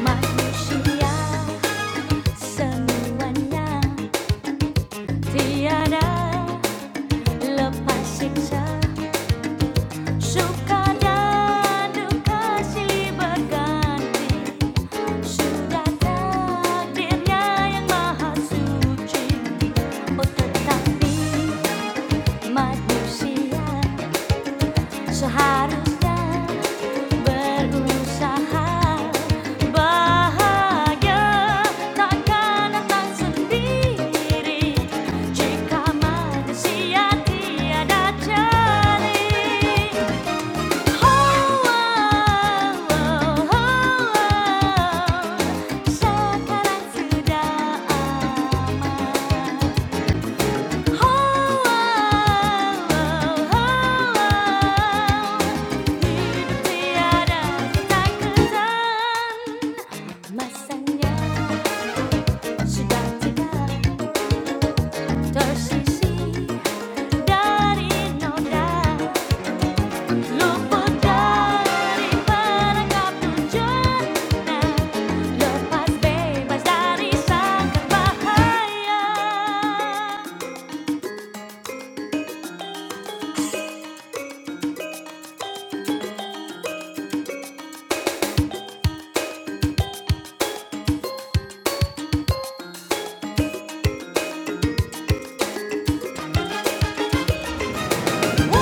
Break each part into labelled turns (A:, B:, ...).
A: Manusia semuanya tiada lepas siksa suka dan duka silih berganti sudah takdirnya yang maha suci oh tetapi manusia Seharusnya berusaha bahagia takkan datang sendiri jika manusia tiada jari. Oh, oh, oh, oh, oh, sekarang sudah aman. Masanya sudah tidak tersisi dari noda luput dari perangkap tujuannya lepas bebas dari sangkar bahaya. Oh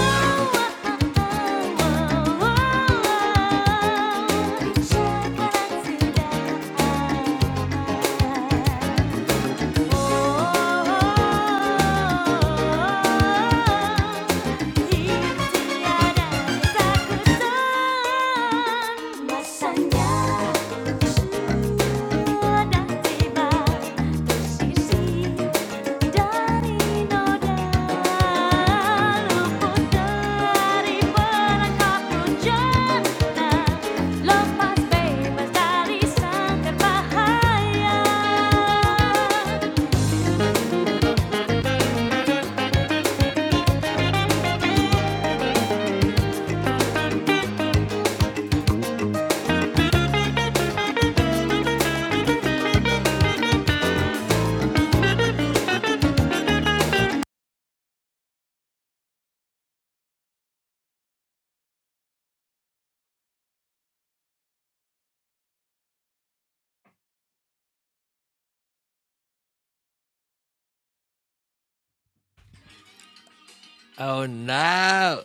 A: Oh no!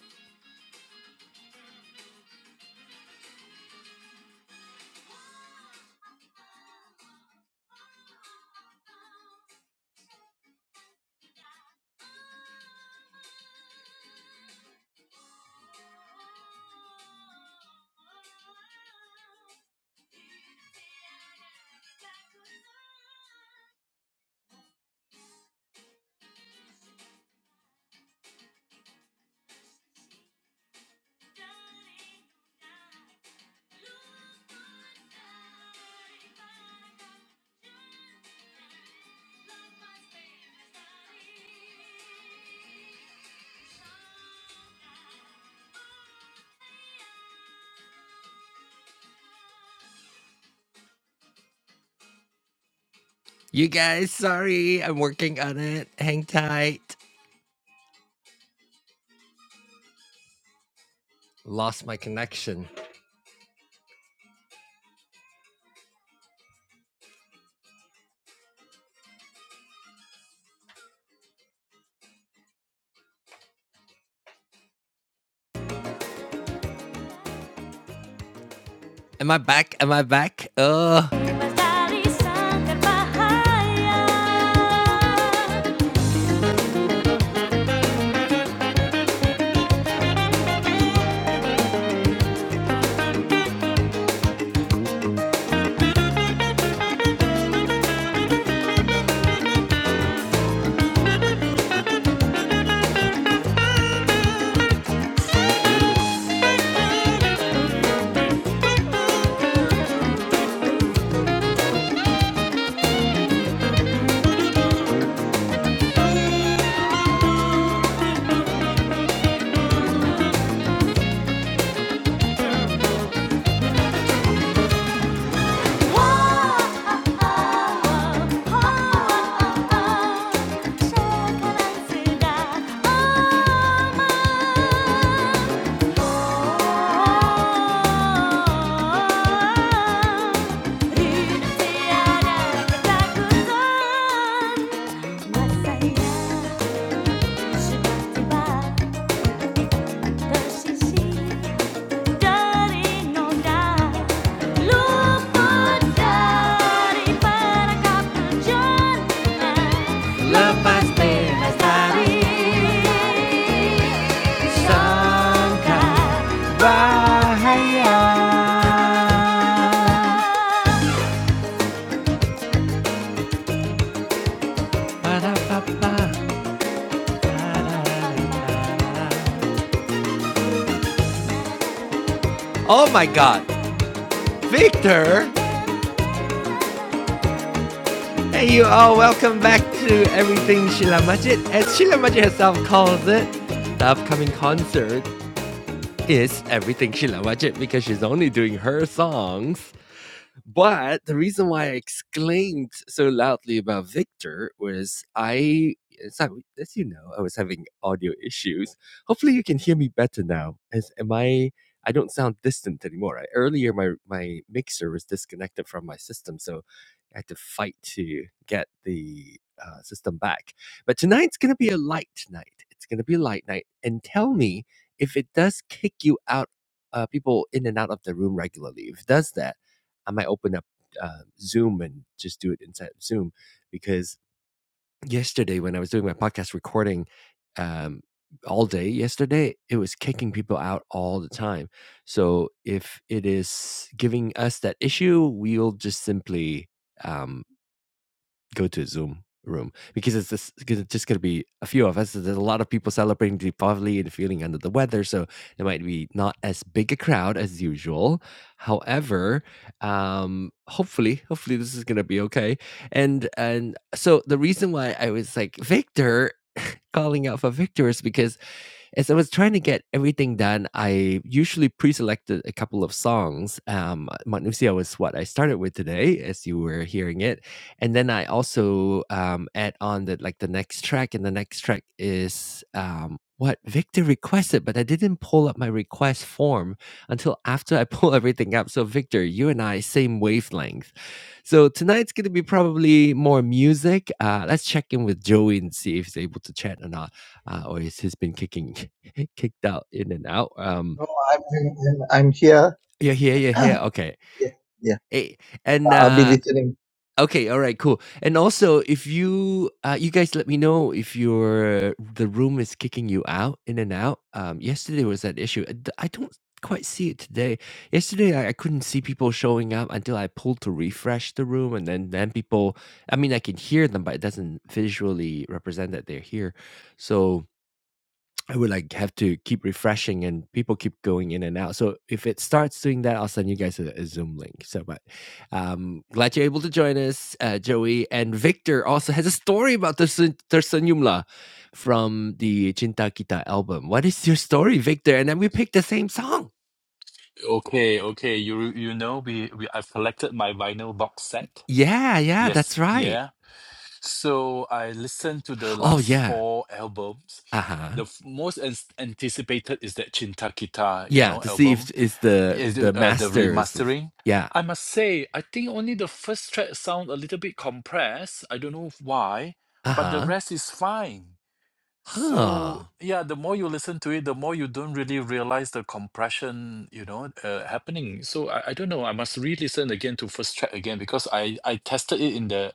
A: You guys, sorry, I'm working on it. Hang tight. Lost my connection. Am I back? Am I back? Uh Masaya sudah tiba tersisih Oh my god Victor Hey you all, welcome back to Everything Sheila Majid. As Sheila Majid herself calls it, the upcoming concert is Everything Sheila Majid because she's only doing her songs. But the reason why I exclaimed so loudly about Victor was I, so as you know, I was having audio issues. Hopefully, you can hear me better now. As am I, I don't sound distant anymore. I, earlier, my my mixer was disconnected from my system, so I had to fight to get the uh, system back. But tonight's gonna be a light night. It's gonna be a light night. And tell me if it does kick you out, uh, people in and out of the room regularly. If it does that I might open up uh, Zoom and just do it inside Zoom because yesterday when I was doing my podcast recording um, all day yesterday, it was kicking people out all the time. So if it is giving us that issue, we'll just simply um, go to a Zoom room because it's just, it's just going to be a few of us. There's a lot of people celebrating Deepavali and feeling under the weather, so it might be not as big a crowd as usual. However, um, hopefully, hopefully this is going to be okay. And and so the reason why I was like Victor calling out for Victor is because as I was trying to get everything done, I usually pre-selected a couple of songs. Um, Manusia was what I started with today, as you were hearing it, and then I also um, add on that like the next track, and the next track is um, what Victor requested, but I didn't pull up my request form until after I pull everything up. So Victor, you and I same wavelength. So tonight's gonna be probably more music. Uh, let's check in with Joey and see if he's able to chat or not uh, or he has been kicking Hey, Kicked out, in and out. Um,
B: No, I'm, I'm, I'm here.
A: you're here, you're here. Okay.
B: Yeah, yeah.
A: Hey,
B: I-
A: and
B: I'll be
A: uh,
B: listening.
A: okay, all right, cool. And also, if you uh, you guys let me know if your the room is kicking you out, in and out. Um, yesterday was that issue. I d- I don't quite see it today. Yesterday, I, I couldn't see people showing up until I pulled to refresh the room, and then then people. I mean, I can hear them, but it doesn't visually represent that they're here. So I would like have to keep refreshing and people keep going in and out. So if it starts doing that, I'll send you guys a, a Zoom link. So, but um, glad you're able to join us, uh, Joey. And Victor also has a story about Tersun Tersun Yumla from the Cinta Kita album. What is your story, Victor? And then we picked the same song.
C: Okay, okay. You you know we, we I've collected my vinyl box set.
A: Yeah, yeah, that's
C: Yes,
A: right.
C: yeah. So I listened to the
A: Oh,
C: last
A: yeah.
C: four albums.
A: Uh huh.
C: The f- most an- anticipated is that Cinta Kita, you
A: Yeah,
C: know,
A: to see if
C: album.
A: is the
C: Is
A: the
C: it, uh, the
A: masters. is-
C: remastering.
A: Yeah.
C: I must say, I think only the first track sound a little bit compressed. I don't know why,
A: Uh
C: but the
A: huh.
C: rest is fine.
A: Huh.
C: So yeah, the more you listen to it, the more you don't really realize the compression, you know, uh, happening. So I, I don't know. I must re-listen again to first track again because I I tested it in the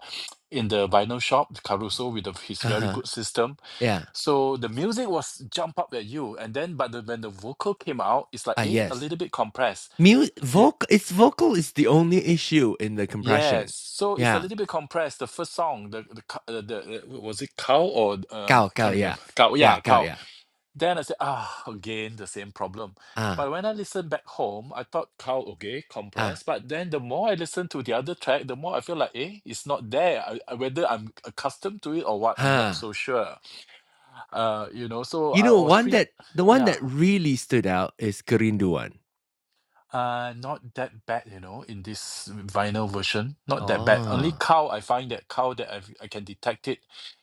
C: in the vinyl shop, Caruso with the, his
A: Uh
C: very
A: huh.
C: good system.
A: Yeah.
C: So the music was jump up at you, and then but the, when the vocal came out, it's like
A: Ah,
C: eh, a
A: yes.
C: little bit compressed.
A: mu-
C: Y-
A: vocal its vocal is the only issue in the
C: Yes,
A: compression.
C: so it's a
A: Yeah.
C: little bit compressed. The first song, the the ca- uh, the uh, was it cow or um
A: Gao
C: I
A: gao
C: can't
A: yeah.
C: remember cow.
A: Yeah,
C: Yeah,
A: gao
C: cow
A: yeah.
C: Then I said, ah, again, the same problem.
A: Ah
C: But when I listened back home, I thought, cow, okay,
A: ah
C: compressed. But then the more I listen to the other track, the more I feel like, eh, it's not there. I, I- whether I'm accustomed to it or what, I'm not
A: ha.
C: so sure. Uh, you know, so
A: You
C: I
A: know
C: was
A: one
C: pretty,
A: that the one
C: yeah,
A: that really stood out is Kerinduan.
C: uh, not that bad, you know, in this vinyl version. Not that bad. Only
A: Oh.
C: cow, I find that cow that I've, I can detect it,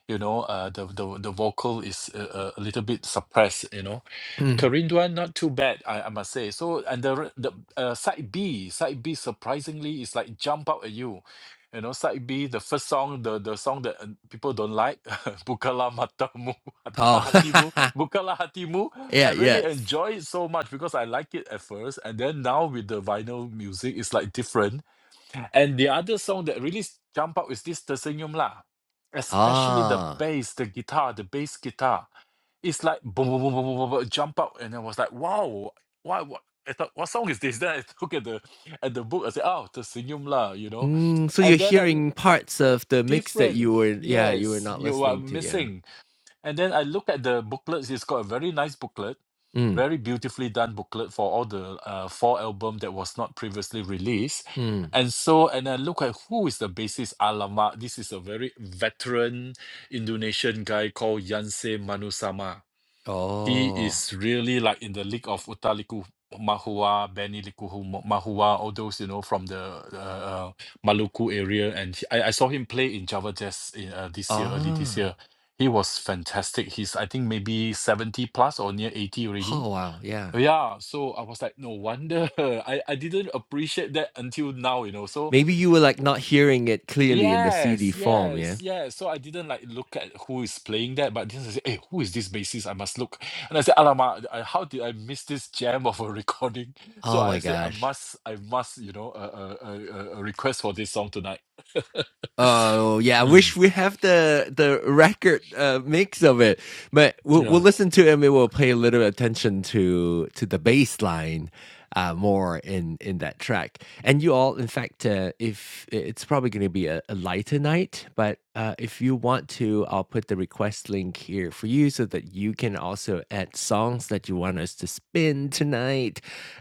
C: you know, uh, the, the, the vocal is a, a a little bit suppressed, you know
A: Mm.
C: Corinduan, not too bad, I, I must say. So, and the re- the uh, side B, side B, surprisingly, is like jump out at you. You know, side B, the first song, the the song that uh, people don't like, Bukalah Matamu,
A: Oh.
C: Hatimu, Bukalah Hatimu. I
A: yeah,
C: really
A: yes.
C: enjoy it so much because I like it at first, and then now with the vinyl music, it's like different. And the other song that really s- jump out is this Tersenyum lah, especially the
A: Ah.
C: bass, the guitar, the bass guitar it's like boom, boom, boom, boom, boom, boom, boom, jump up, and I was like, wow, what, what, I thought, what song is this? Then I look at the at the book, I said, oh, the Senyum lah, you know,
A: Mm, so you're
C: and then I l-
A: hearing parts of the mix that you
C: different,
A: were yeah, you were
C: yes,
A: not
C: you are
A: listening to, yeah.
C: missing, and then I look at the booklets. It's got a very nice booklet,
A: Mm.
C: very beautifully done booklet for all the uh, four album that was not previously released.
A: Mm.
C: And so, and I look at who is the bassist. Alamak, this is a very veteran Indonesian guy called Yanse Manusama he
A: Oh.
C: is really like in the league of Utaliku Mahua, Benny Likuhu Ma- Mahua, all those, you know, from the uh, uh, Maluku area. And he- I, I saw him play in Java Jazz in, uh, this year, early this
A: Ah.
C: year. He was fantastic. He's, I think, maybe 70 plus or near 80 already.
A: Oh wow, yeah.
C: Yeah, so I was like, no wonder. I, I didn't appreciate that until now, you know. So
A: Maybe you were like not hearing it clearly in the CD
C: Yes,
A: form,
C: yes,
A: yeah?
C: yes. So I didn't like look at who is playing that, but then I said, "Hey, who is this bassist? I must look." And I said, "Alamak, I, how did I miss this gem of a recording?" So
A: Oh
C: I
A: my
C: said, "I
A: gosh.
C: must, I must, you know, uh, uh, uh, uh, uh, request for this song tonight."
A: Oh yeah, I wish
C: Mm,
A: we have the the record uh, mix of it, but we'll, we'll
C: yeah.
A: listen to it and we will pay a little attention to to the bass line uh, more in in that track. And you all, in fact, uh, if it's probably going to be a, a lighter night, but uh, if you want to, I'll put the request link here for you so that you can also add songs that you want us to spin tonight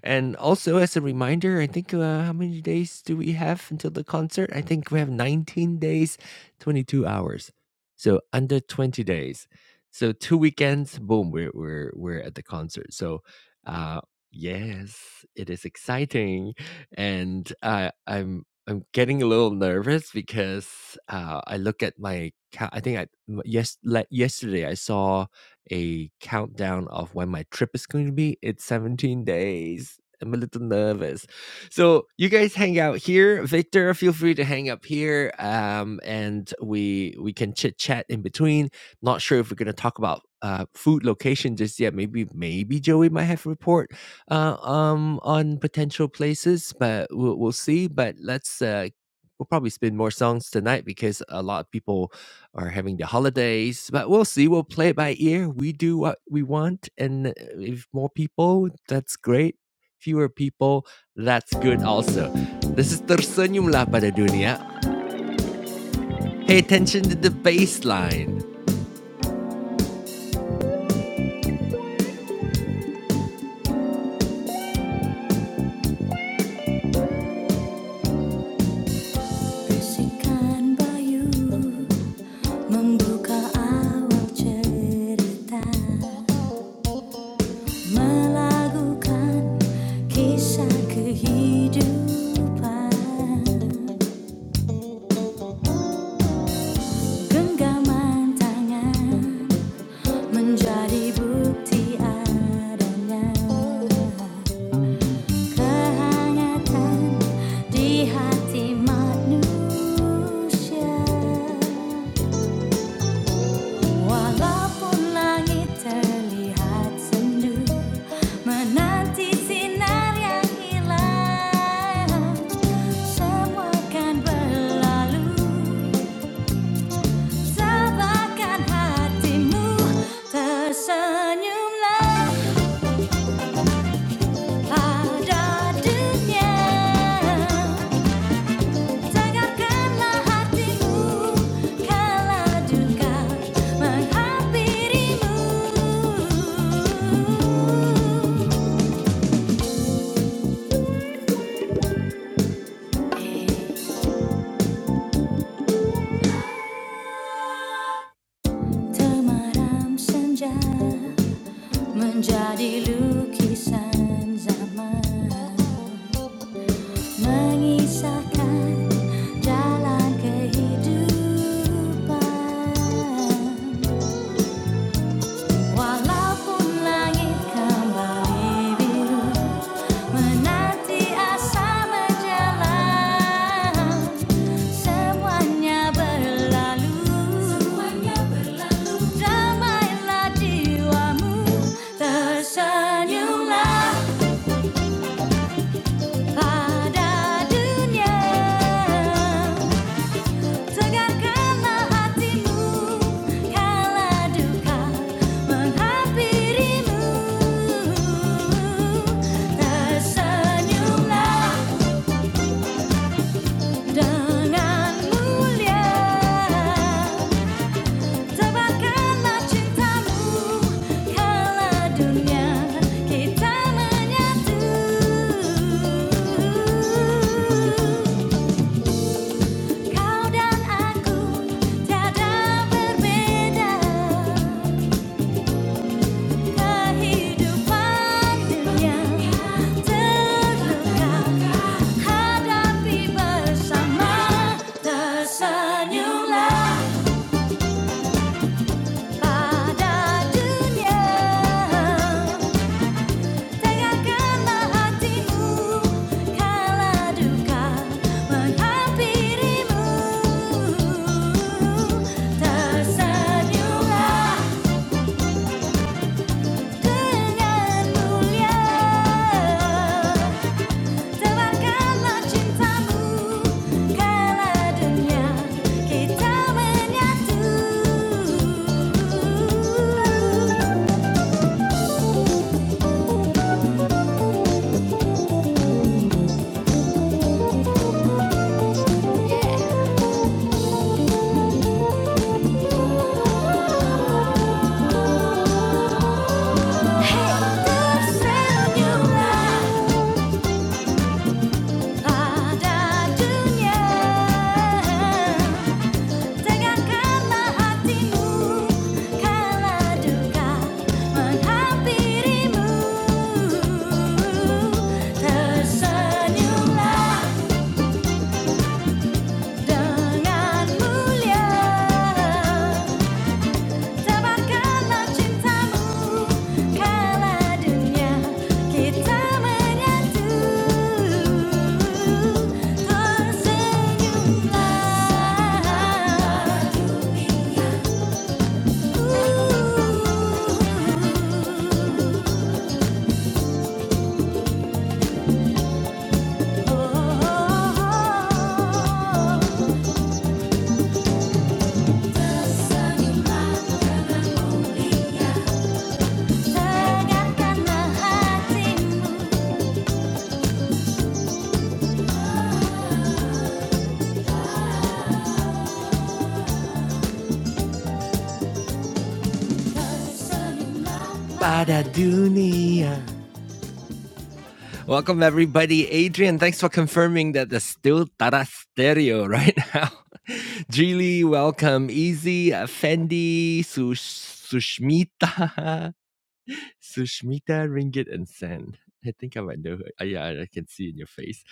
A: and also, as a reminder, I think uh, how many days do we have until the concert? I think we have 19 days, 22 hours. So under 20 days. So two weekends, boom, we're we're we're at the concert. So uh yes, it is exciting. And uh, I'm I'm getting a little nervous because uh, I look at my ca- I think I yes le- yesterday I saw a countdown of when my trip is going to be. It's 17 days. I'm a little nervous. So you guys hang out here. Victor, feel free to hang up here. Um, and we we can chit chat in between. Not sure if we're gonna talk about uh food location just yet. Maybe maybe Joey might have a report uh um on potential places, but we'll we'll see. But let's uh We'll probably spin more songs tonight because a lot of people or having the holidays. But we'll see. We'll play it by ear. We do what we want, and uh, if more people, that's great. Fewer people, that's good also. This is tersenyumlah pada dunia. Pay attention to the baseline. Bisikan bayu membuka awal cerita, melagukan kisah kehidupan, genggaman tangan menjadi bukti adanya kehangatan di hati manusia walaupun langit terlihat sendu menanti sinar yang hilang semua kan berlalu Sabarkan hatimu, tersenyumlah. pada dunia senja menjadi lukisan zaman Mengisahkan jalan kehidupan Walaupun langit kembali biru menanti asa menjelang, semuanya berlalu. Damailah jiwamu, tersenyumlah pada dunia. Tegarkanlah hatimu kala duka menghampirimu. Tersenyumlah dengan mulia. Tebarkanlah cintamu kala dunia kita menyatu. Kau dan aku tiada berbeda. kehidupan yang terdekat hadapi bersama tersenyumlah pada dunia tegakkanlah hatimu kala duka menghampirimu tersenyumlah dengan mulia Tebarkanlah cintamu kala dunia kita menyatu. Hey tersenyumlah pada dunia. Tegakkanlah hatimu kala duka menghampirimu. Tersenyumlah dengan mulia. Tebarkanlah cintamu kala dunia kita menyatu. Tersenyumlah. Badadunia. Welcome everybody. Adrian, thanks for confirming that there's still Tara Stereo right now. Julie, welcome. Easy, uh, Fendi, Sush- Sushmita. Sushmita Ringgit and Sen. I think I might know her. Uh, Yeah, I can see in your face.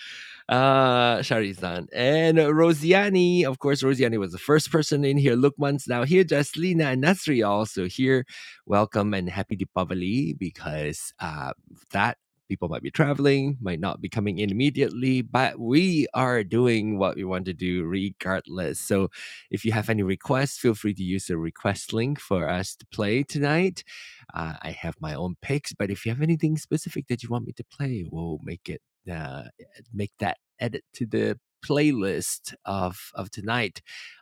A: Uh, Sharizan. And Rosiani. Of course, Rosiani was the first person in here. Lukman's now here. Jaslina and Nasri are also here. Welcome and happy Deepavali because uh, that people might be traveling, might not be coming in immediately, but we are doing what we want to do regardless. So if you have any requests, feel free to use the request link for us to play tonight uh, I have my own picks, but if you have anything specific that you want me to play, we'll make it uh, make that edit to the playlist of of tonight.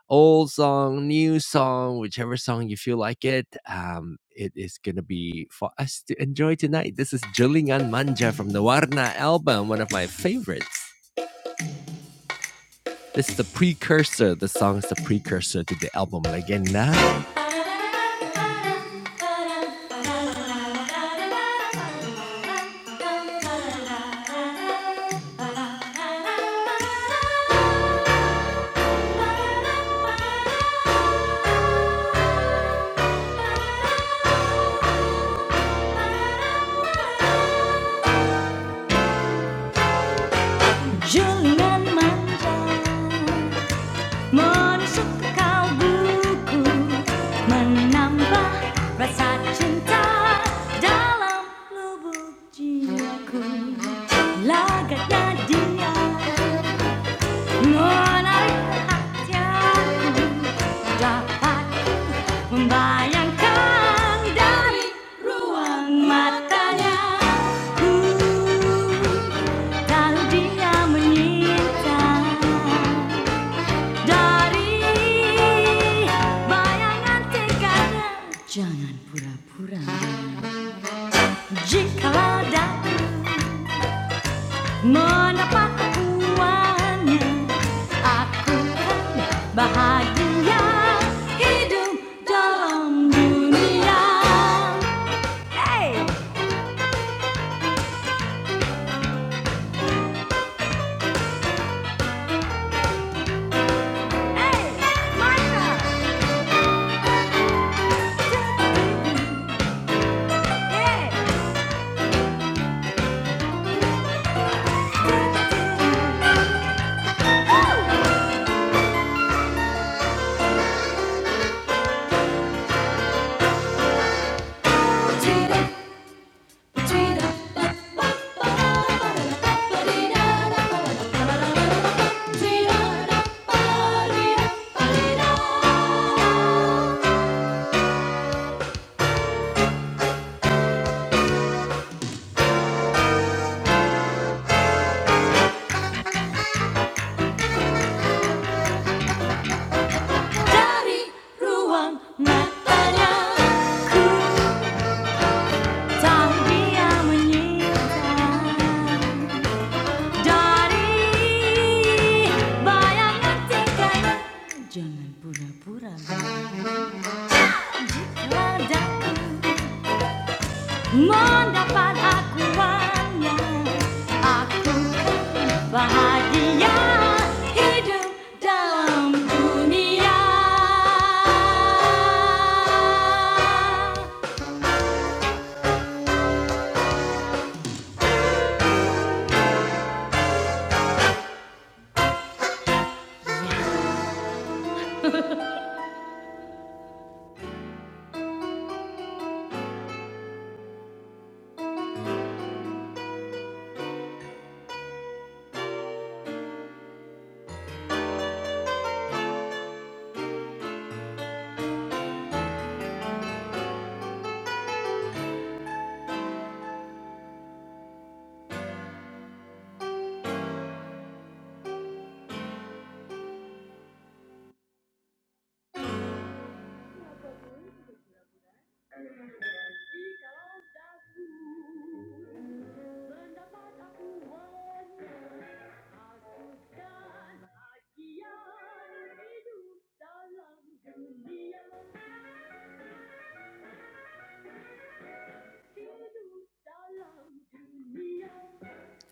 A: Old song, new song, whichever song you feel like it. Um, it is gonna be for us to enjoy tonight. This is Julingan Manja from the Warna album, one of my favorites. This is the precursor. The song is the precursor to the album Legenda. Julian Manja. Menusuk buku Menambah rasa cinta Dalam lubuk jiwaku Lagaknya dia Menarik perhatianku Dapat membayangkan Dari ruang matanya Ku tahu dia menyintai Dari bayangan tekadnya, jangan pura-pura. Jikalau dapat mendapat uangnya, aku akan bahagia hidup dalam dunia. Hey, hey, Maya, hey, hey. Dari ruang matanya ku tak dia menyinta Dari bayangan tingkahnya Jangan pura-pura Jika daku mendapat akuannya Aku bahagia hidup dalam dunia.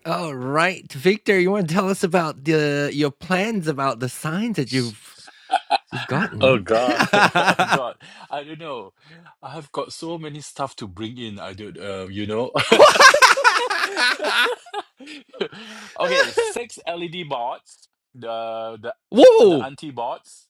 A: All right, Victor, you want to tell us about the your plans about the signs that you've you've
C: Oh
A: gotten?
C: God, oh God. I don't know. I have got so many stuff to bring in. I don't, uh, you know. okay, six LED boards. the the the
A: Whoa!
C: anti boards.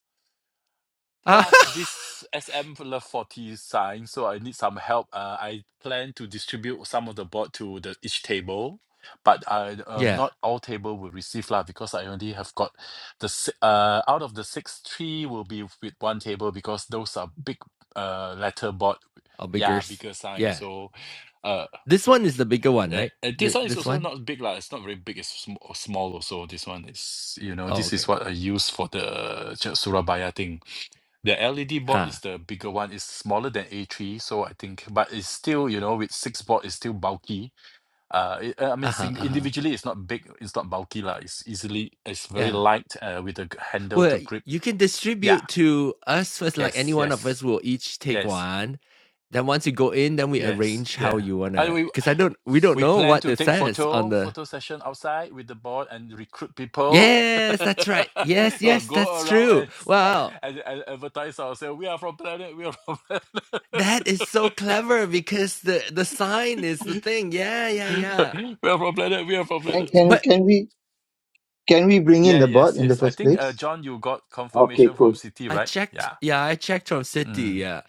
A: Uh,
C: plus this SM Love 40 sign, so I need some help. Uh, I plan to distribute some of the board to the each table, but I, um,
A: yeah,
C: not all table will receive lah because I only have got the si- uh out of the six, three will be with one table because those are big uh letter board,
A: a bigger.
C: yeah,
A: s-
C: bigger sign.
A: Yeah,
C: So, uh,
A: this one is the bigger one,
C: uh,
A: right?
C: uh, this
A: Th-
C: one is
A: this
C: also
A: one?
C: not big lah. It's not very big. It's sm- small also. This one is you know
A: Oh,
C: this is
A: okay.
C: what I use for the Surabaya thing. The LED board
A: Huh.
C: is the bigger one. It's smaller than A3, so I think, but it's still, you know, with six board, it's still bulky. Uh, it, uh, I mean,
A: Uh-huh,
C: sing
A: uh-huh.
C: individually, it's not big, it's not bulky lah. It's easily, it's very
A: Yeah.
C: light, uh, with a g- handle
A: Well,
C: to
A: y-
C: grip.
A: you can
C: Yeah.
A: distribute to us first, like any
C: Yes.
A: one of us
C: Yes.
A: will each take
C: Yes.
A: one. Then once you go in, then we
C: Yes.
A: arrange how
C: Yeah.
A: you
C: And
A: wanna
C: we
A: because I don't we don't
C: we
A: know
C: plan
A: what
C: to
A: it
C: take
A: says on
C: photo
A: the
C: photo session outside with the board and recruit people.
A: Yes, that's right. Yes,
C: Go
A: yes,
C: go
A: that's
C: around
A: true.
C: and, start,
A: Wow.
C: and and advertise ourselves. We are from planet. We are from planet.
A: That is so clever because the the sign is the thing. Yeah, yeah, yeah.
C: We are from planet. We are from
B: Can,
C: planet.
B: can,
A: But
B: can we, can we bring in
C: Yeah,
B: the bot
C: yes,
B: in the
C: yes. I
B: first
C: think uh,
B: place?
C: John, you got
B: Okay,
C: confirmation from
B: cool.
C: City,
A: I
C: right?
A: checked
C: Yeah.
A: yeah, I checked from City,
C: Mm.
A: yeah.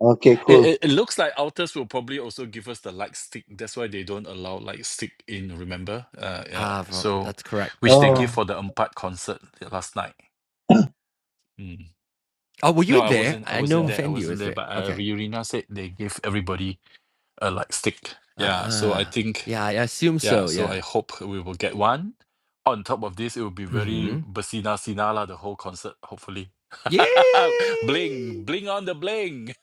B: Okay,
C: It,
B: cool.
C: it it looks like Alters will probably also give us the light stick. That's why they don't allow light stick in. Remember? Uh, yeah.
A: Ah, from,
C: So,
A: that's correct.
C: which
A: That's
C: they give
A: correct.
B: Oh,
C: for the Empat concert last night. Mm.
A: Oh, were you
C: No, I
A: there?
C: wasn't. I
A: I know
C: wasn't there. I
A: Fendi
C: wasn't
A: was
C: there.
A: there.
C: But uh,
A: Okay.
C: Yurina said they give everybody a light stick.
A: Uh,
C: Yeah. So I
A: uh
C: think.
A: yeah, I assume
C: Yeah,
A: so.
C: so I
A: Yeah.
C: hope we will get one. On top of this, it will be very
A: hmm
C: Basina Sina lah, the whole concert, hopefully.
A: Yay!
C: Bling, bling on the bling.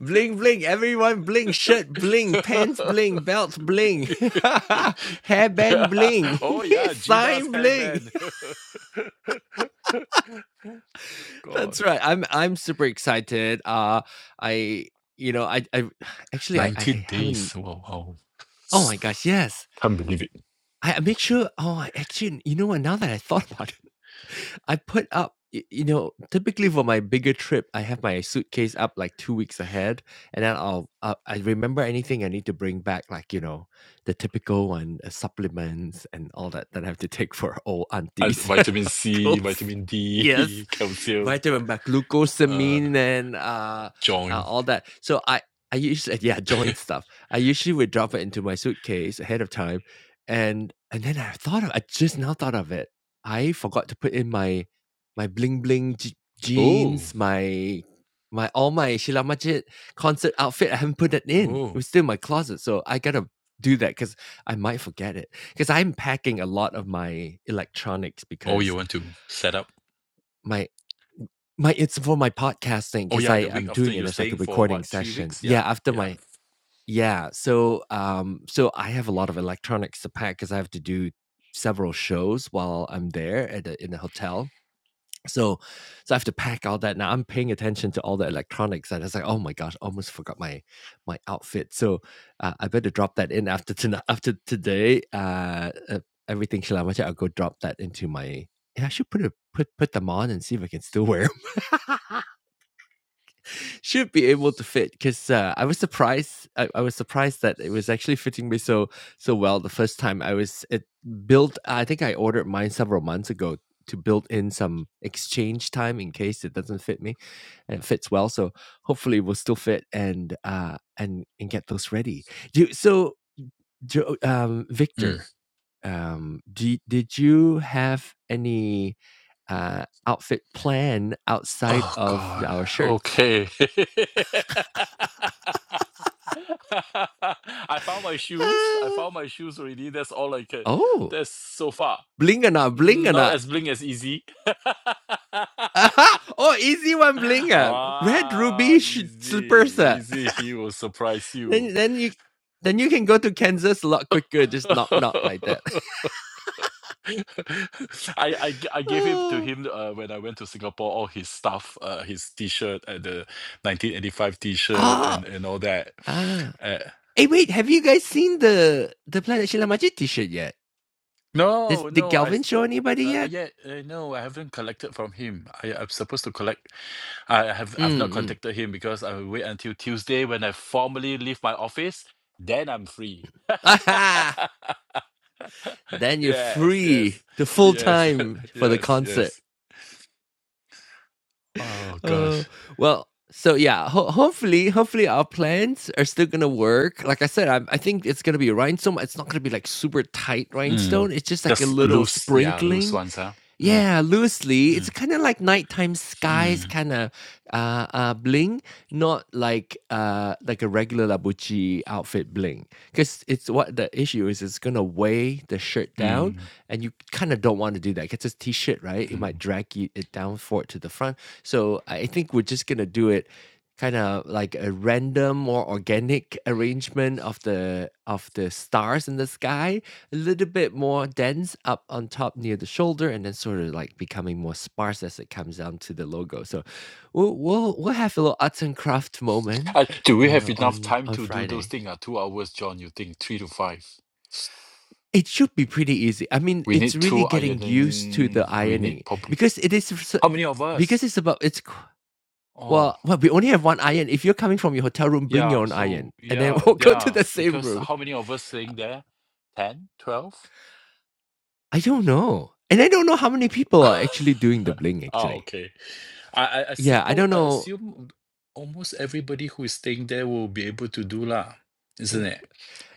A: Bling bling, everyone bling, shirt bling, pants bling, belt bling, hairband bling,
C: Oh yeah, Gina's
A: sign bling.
C: hairband.
A: That's
C: God.
A: right. I'm I'm super excited. Uh I you know, I I actually I, I
C: 19
A: haven't
C: days. Wow, wow.
A: oh my gosh, yes.
C: Can't believe it.
A: I I make sure oh I actually you know what now that I thought about it, I put up, y- you know, typically for my bigger trip, I have my suitcase up like two weeks ahead, and then I'll uh, I remember anything I need to bring back, like you know, the typical one, uh, supplements and all that that I have to take for old
C: Uh,
A: aunties and
C: vitamin C,
A: uncles.
C: vitamin
A: Yes,
C: D, calcium,
A: vitamin, B,
C: uh,
A: glucosamine, and uh, uh,
C: joint.
A: all that. So I. I usually yeah joint stuff. I usually would drop it into my suitcase ahead of time, and and then I thought of I just now thought of it I forgot to put in my my bling bling j-
C: Oh,
A: jeans, my my all my Sheila Majid concert outfit. I haven't put that in. It
C: oh.
A: was still in my closet, so I gotta do that because I might forget it. Because I'm packing a lot of my electronics
C: Oh, you
A: because
C: want to set up?
A: my my it's for my podcasting
C: Oh,
A: because
C: yeah,
A: I
C: the
A: am
C: week after
A: doing it.
C: you're
A: There's like a
C: staying for
A: recording
C: what, three
A: session.
C: weeks?
A: Yeah,
C: Yeah,
A: after
C: yeah.
A: my yeah. So um so I have a lot of electronics to pack because I have to do several shows while I'm there at a, in a hotel so, so I have to pack all that now. I'm paying attention to all the electronics, and it's like, oh my gosh, almost forgot my my outfit. So uh, I better drop that in after tonight. After today, uh, uh everything Shilamacha, I'll go drop that into my. Yeah, I should put a put put them on and see if I can still wear should be able to fit because uh, I was surprised. I, I was surprised that it was actually fitting me so so well the first time. I was it built. I think I ordered mine several months ago to build in some exchange time in case it doesn't fit me, and it fits well. So hopefully it will still fit and uh and and get those ready. Do you- so, Jo- um,
C: Mm.
A: Victor. Um, do, you- did you have any uh outfit plan outside
C: Oh,
A: of
C: God.
A: our shirts?
C: Okay. I found my shoes. I found my shoes already. That's all I can.
A: Oh,
C: That's so far.
A: blingana, blingana!
C: Not as bling as easy.
A: Aha! Oh, easy one, blinga. Red
C: ah,
A: ruby sh-
C: easy.
A: slippers. ah.
C: Easy. He will surprise you.
A: then then you then you can go to Kansas a lot quicker. Just knock knock like that.
C: I, I g- I gave it to
A: oh,
C: him uh, when I went to Singapore. All his stuff, uh, his T-shirt, uh, the 1985 T-shirt,
A: ah,
C: and and all that.
A: ah.
C: Uh,
A: Hey, wait, have you guys seen the the Planet Shilamachi T-shirt yet? Did,
C: no,
A: did
C: no, I
A: Galvin
C: s-
A: show anybody
C: uh, uh,
A: yet?
C: yeah, uh, no, I haven't collected from him. I, I'm supposed to collect. I have I've not
A: Mm. mm.
C: contacted him because I will wait until Tuesday when I formally leave my office. Then I'm free.
A: Aha! Then you're
C: yes,
A: free
C: yes,
A: to full
C: yes,
A: time for the
C: yes,
A: concert.
C: yes. Oh
A: Uh,
C: gosh.
A: well, so yeah, ho- hopefully, hopefully our plans are still gonna work. Like I said, I, I think it's gonna be rhinestone. It's not gonna be like super tight
C: Mm.
A: rhinestone. It's just like a
C: Just
A: little
C: loose, yeah, loose
A: sprinkling.
C: ones, huh? Mm,
A: Yeah, loosely. It's
C: mm,
A: kind of like nighttime skies
C: mm,
A: kind of uh, uh, bling, not like uh, like a regular Gucci outfit bling because it's what the issue is. It's gonna weigh the shirt down,
C: mm,
A: and you kind of don't want to do that because it's a t-shirt, right? It
C: mm.
A: might drag you- it down forward to the front. So I think we're just gonna do it kind of like a random or organic arrangement of the of the stars in the sky a little bit more dense up on top near the shoulder and then sort of like becoming more sparse as it comes down to the logo so we'll we'll, we'll have a little arts and craft moment
C: Uh, do we have
A: uh,
C: enough
A: on
C: time
A: on
C: to do those
A: Friday.
C: things? Uh, two hours, John, you think? Three to five.
A: It should be pretty easy. I mean,
C: We
A: it's
C: need
A: really
C: two
A: getting used to the
C: ironing. We need
A: ironing
C: probably.
A: because it is s-
C: How many of
A: because
C: us?
A: it's about it's qu-
C: Oh,
A: well, well we only have one iron. If you're coming from your hotel room, bring your
C: yeah.
A: own iron
C: So,
A: and then
C: yeah,
A: we'll go to
C: yeah.
A: the same
C: Because
A: room.
C: how many of us staying there? 10, 12.
A: I don't know. And I don't know how many people are actually doing the bling
C: ah,
A: actually.
C: okay. I I, I
A: Yeah, I
C: suppose
A: don't
C: I
A: know.
C: assume almost everybody who is staying there will be able to do lah, isn't it?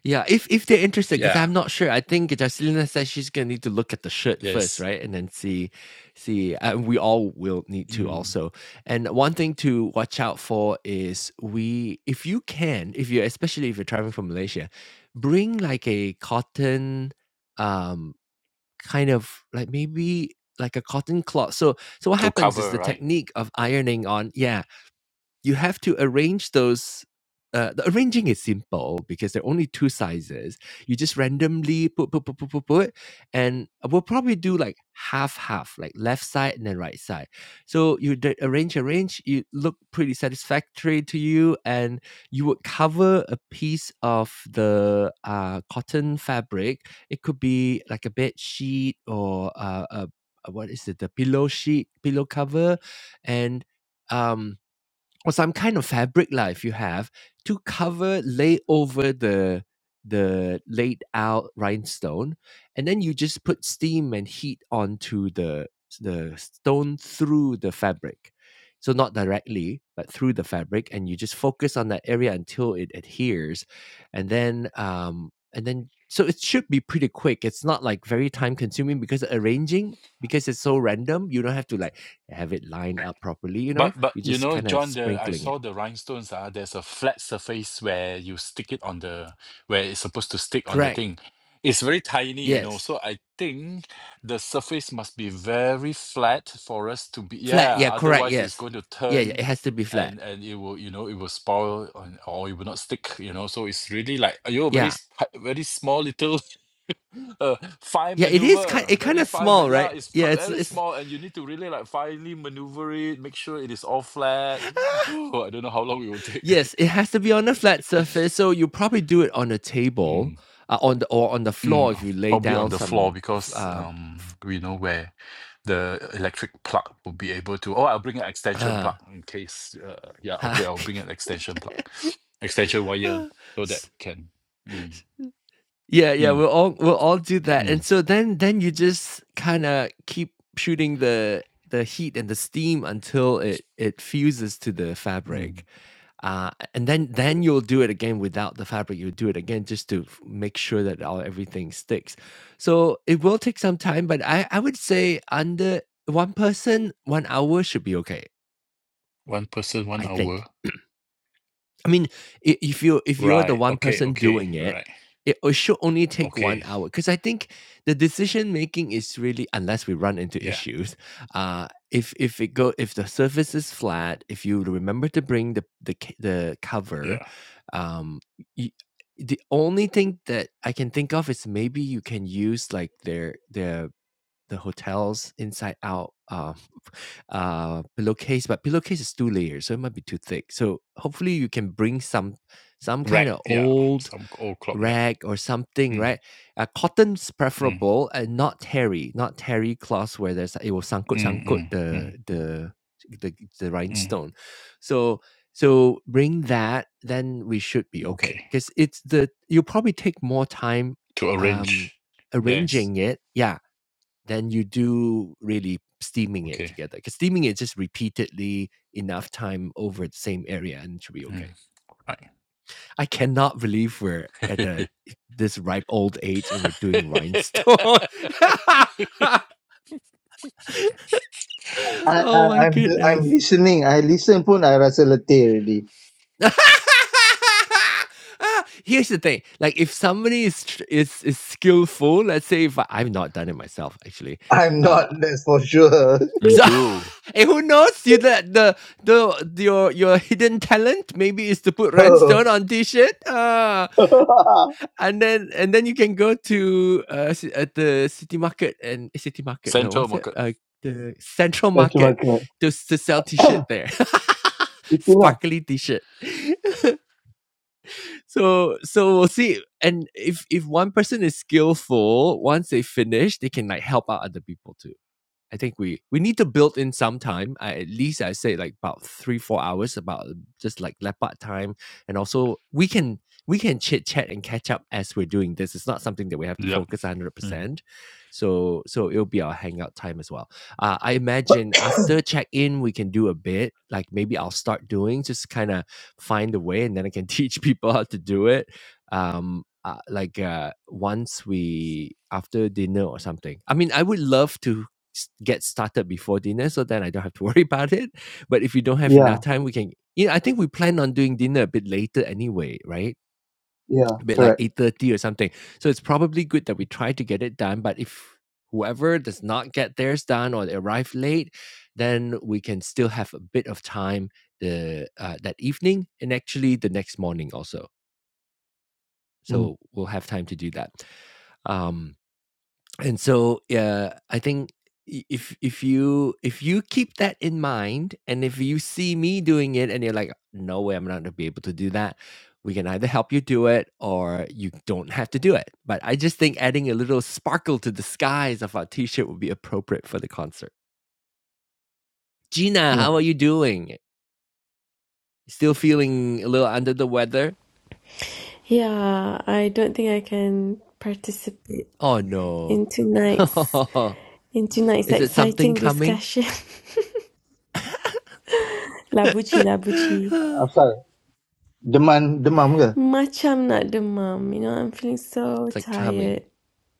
A: Yeah, if if they're interested, because
C: Yeah.
A: I'm not sure. I think Jacelina says she's gonna need to look at the shirt first,
C: Yes.
A: right, and then see, see. Uh, we all will need to
C: Mm.
A: also. And one thing to watch out for is we, if you can, if you especially if you're traveling from Malaysia, bring like a cotton, um, kind of like maybe like a cotton cloth. So so what
C: To
A: happens is
C: cover,
A: the
C: right?
A: technique of ironing on. Yeah, you have to arrange those. Uh, the arranging is simple because there are only two sizes. You just randomly put, put, put, put, put, put, and we'll probably do like half, half, like left side and then right side. So you d- arrange, arrange. You look pretty satisfactory to you, and you would cover a piece of the uh, cotton fabric. It could be like a bed sheet or uh, a a- what is it? The pillow sheet, pillow cover, and um or some kind of fabric lah if you have to cover lay over the the laid out rhinestone and then you just put steam and heat onto the the stone through the fabric so not directly but through the fabric and you just focus on that area until it adheres and then um and then so it should be pretty quick it's not like very time consuming because arranging because it's so random you don't have to like have it lined up properly. You
C: But
A: know,
C: but
A: you
C: you
A: just
C: know,
A: kind of
C: John, the I
A: sprinkling it.
C: saw the rhinestones. Ah, there's a flat surface where you stick it on the where it's supposed to stick on the
A: Correct.
C: thing. It's very tiny, you know.
A: Yes.
C: So I think the surface must be very flat for us to be.
A: Flat.
C: Yeah,
A: Yeah. Correct.
C: otherwise it's
A: Yes.
C: going to
A: Yeah. Yeah.
C: turn,
A: It has to be flat.
C: and and it will you know it will spoil and- or it will not stick. You know, so it's really like you know very
A: Yeah.
C: s- ti- very small little. uh, fine
A: Yeah. It is kind.
C: maneuver,
A: It kind
C: very
A: of
C: fine. But
A: small,
C: yeah,
A: right?
C: it's
A: Yeah. It's.
C: very
A: It's.
C: small, and you need to really like finely maneuver it, make sure it is all flat. Oh, I don't know how long it will take.
A: Yes. It has to be on a flat surface. So you probably do it on a table,
C: mm,
A: uh, on the or on the floor
C: mm,
A: if
C: uh,
A: you lay
C: probably on
A: down
C: the floor
A: some. f-
C: because
A: Uh,
C: um,
A: f-
C: we know where the electric plug will be able to. Oh, I'll bring an extension plug in case. Uh, yeah, okay,
A: uh,
C: I'll bring an extension plug, extension wire,
A: uh,
C: so that can. Mm,
A: Yeah, yeah,
C: mm,
A: we'll all we'll all do that.
C: mm,
A: And so then then you just kinda keep shooting the the heat and the steam until it it fuses to the
C: mm.
A: fabric. Uh, and then then you'll do it again without the fabric. You'll do it again just to f make sure that all everything sticks. So it will take some time, but I I would say under 1 person, 1 hour should be okay,
C: One person, one
A: I think.
C: hour.
A: I mean, i- if you if you're the
C: Right.
A: one
C: Okay.
A: person
C: Okay.
A: doing
C: All
A: it,
C: right.
A: it, it should only take one
C: Okay.
A: hour because I think the decision making is really unless we run into
C: Yeah.
A: issues. Uh, if if it go if the surface is flat, if you remember to bring the the c- the cover,
C: Yeah.
A: um, you, the only thing that I can think of is maybe you can use like their their the hotels inside out uh, uh, pillowcase, but pillowcase is two layers, so it might be too thick. So hopefully you can bring some some kind
C: Right.
A: of
C: Yeah.
A: old
C: Some old clock. Yeah.
A: rag or something,
C: Mm,
A: right? Uh, cotton's
C: mm,
A: preferable and not terry, not terry cloth where there's it will sangkut
C: mm,
A: sangkut
C: mm, mm,
A: the the the the
C: mm.
A: rhinestone. So so bring that, then we should be okay.
C: Okay.
A: Because it's the you'll probably take more time
C: To
A: um
C: arrange. Yes.
A: arranging it. Yeah, than you do really steaming it
C: Okay.
A: together. Because steaming it just repeatedly enough time over the same area and it should be
C: Mm.
A: okay. I cannot believe we're
C: Right.
A: at the, this ripe old age and we're doing rhinestone.
B: I,
A: oh
B: I,
A: my
B: I'm, I'm
A: goodness.
B: listening. I listen pun I rasa letih already.
A: Ah, Here's the thing: like, if somebody is tr- is is skillful, let's say if I, I've not done it myself, actually,
B: I'm
A: uh,
B: not, that's for sure.
C: Me
A: So,
C: too.
A: hey, who knows? You the the the your your hidden talent maybe is to put
B: Oh.
A: rhinestone on t-shirt, uh, and then and then you can go to uh ci- at the city market and eh, city market. No,
C: Central
A: what's it?
C: market.
A: Uh, the central
B: that's my
A: market
B: correct.
A: to s- to sell t-shirt there.
B: Itulah.
A: Sparkly t-shirt. so so we'll see. And if if one person is skillful, once they finish, they can like help out other people too. I think we we need to build in some time. I, at least I say like about three four hours, about um, just like leopard time, and also we can we can chit chat and catch up as we're doing this. It's not something that we have to
C: Yep.
A: focus one hundred
C: Mm.
A: percent. So so it'll be our hangout time as well. Uh, I imagine after check in we can do a bit. Like maybe I'll start doing just kind of find a way, and then I can teach people how to do it. Um, uh, like uh, once we after dinner or something. I mean, I would love to get started before dinner so that I don't have to worry about it. But if we don't have enough
B: Yeah,
A: time, we can. You know, I think we plan on doing dinner a bit later anyway, right?
B: yeah,
A: A bit like
B: correct.
A: eight thirty or something. So it's probably good that we try to get it done. But if whoever does not get theirs done or they arrive late, then we can still have a bit of time the uh, that evening and actually the next morning also.
B: Mm,
A: So we'll have time to do that. Um, and so yeah i think i- if if you if you keep that in mind and if you see me doing it and you're like no way i'm not going to be able to do that we can either help you do it or you don't have to do it but i just think adding a little sparkle to the skies of our t-shirt would be appropriate for the concert gina
B: yeah.
A: how are you doing still feeling a little under the weather
D: Yeah, I don't think I can participate
A: oh no
D: in tonight's in tonight's
A: is it something
D: exciting
A: coming
D: discussion. Labuci, labuci.
A: it's
B: Afal, demam, demam ke?
D: Macam nak demam, you know, I'm feeling so
A: like coming
D: tired.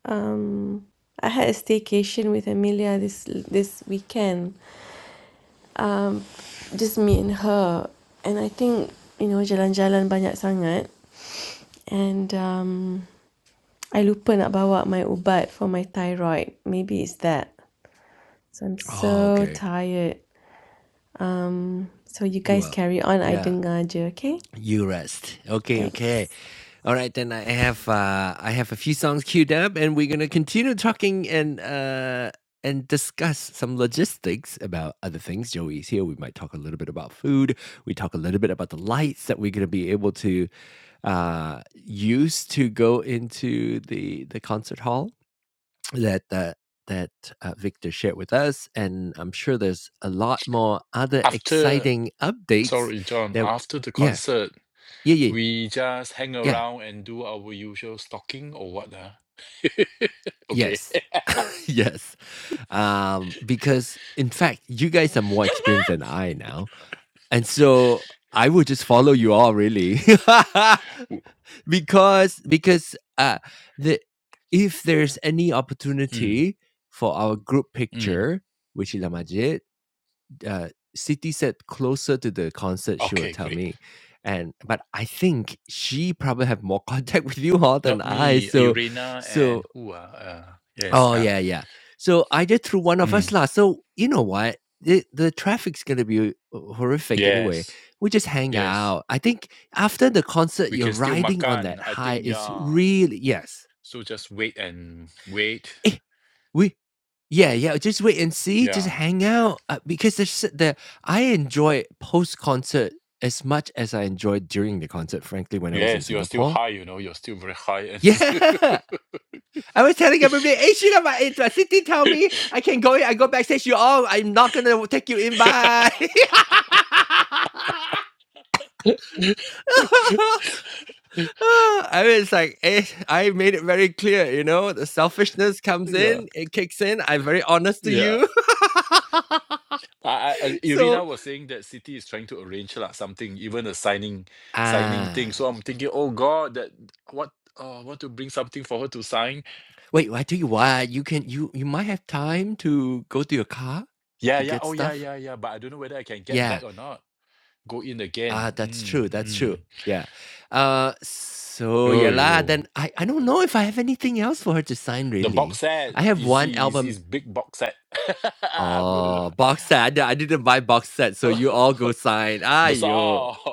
D: Um, I had a staycation with Amelia this this weekend. Um, just me and her, and I think you know jalan-jalan banyak sangat, and um, I lupa nak bawa my ubat for my thyroid. Maybe it's that. So I'm
A: oh
D: so
A: okay
D: tired. Um, so you guys
A: Well,
D: carry on. I
A: yeah,
D: don't dengar you. okay?
A: you rest. Okay,
D: Thanks.
A: okay. All right, then I have uh I have a few songs queued up, and we're gonna continue talking and uh and discuss some logistics about other things. Joey's here. We might talk a little bit about food. We talk a little bit about the lights that we're gonna be able to uh use to go into the the concert hall that uh, that uh, Victor shared with us, and I'm sure there's a lot more other
C: After,
A: exciting updates.
C: sorry, John,
A: That
C: after the
A: yeah,
C: concert,
A: yeah, yeah,
C: we just hang
A: yeah,
C: around and do our usual stalking or what? Uh? Okay.
A: yes, yes. Um, because in fact, you guys are more experienced than I now, and so I will just follow you all really, because because uh, the if there's any
C: Mm,
A: opportunity for our group
C: mm.
A: picture, which is Amajit, uh, City said closer to the concert, she will
C: Okay,
A: tell
C: great.
A: me. And but I think she probably have more contact with you all than
C: Not
A: I.
C: me,
A: So,
C: Irina
A: so
C: and who ah? Uh, yes,
A: oh
C: yeah.
A: yeah, yeah. So either through one of us
C: Mm,
A: lah. So you know what? The, the traffic's gonna be horrific anyway.
C: yes,
A: We just hang
C: yes.
A: out. I think after the concert,
C: We
A: you're
C: can still
A: riding on
C: makan.
A: that
C: I
A: high.
C: think,
A: It's
C: yeah.
A: really yes.
C: So just wait and wait.
A: Eh, We yeah, yeah, just wait and see, just
C: Yeah.
A: hang out, uh, because there's s- the I enjoy post-concert as much as I enjoyed during the concert, frankly, when I was in
C: Yes, you are still
A: Singapore.
C: high, you know, you're still very high and
A: Yeah, I was telling everybody, hey, Sheila, my eh, uh, Siti tell me I can go in, I go backstage, you all, I'm not gonna take you in, bye. I mean, it's like, eh, I made it very clear, you know, the selfishness comes
C: yeah,
A: in, it kicks in, I'm very honest to
C: yeah.
A: you.
C: I, I, I-
A: so
C: Irina was saying that City is trying to arrange lah something, even a signing, signing thing. So
A: Ah,
C: I'm thinking, oh God, that what, uh, want to bring something for her to sign
A: wait. I tell you what. You can. You you might have time to go to your car
C: Yeah,
A: to
C: yeah.
A: get
C: Oh, yeah,
A: stuff.
C: yeah, yeah. But I don't know whether I can get
A: Yeah.
C: back or not. Go in
A: Ah,
C: again.
A: that's true.
C: Mm,
A: That's true.
C: mm.
A: Yeah. Uh. So
C: Oh,
A: yeah lah.
C: yo.
A: Then I I don't know if I have anything else for her to sign.
C: The box
A: Really,
C: set.
A: I have
C: Easy,
A: one
C: easy.
A: album.
C: It's big box set. I'm going
A: Oh, box set. I di- I didn't buy box set, so you all go
C: to.
A: sign. Ah, yo.
C: Bazaar.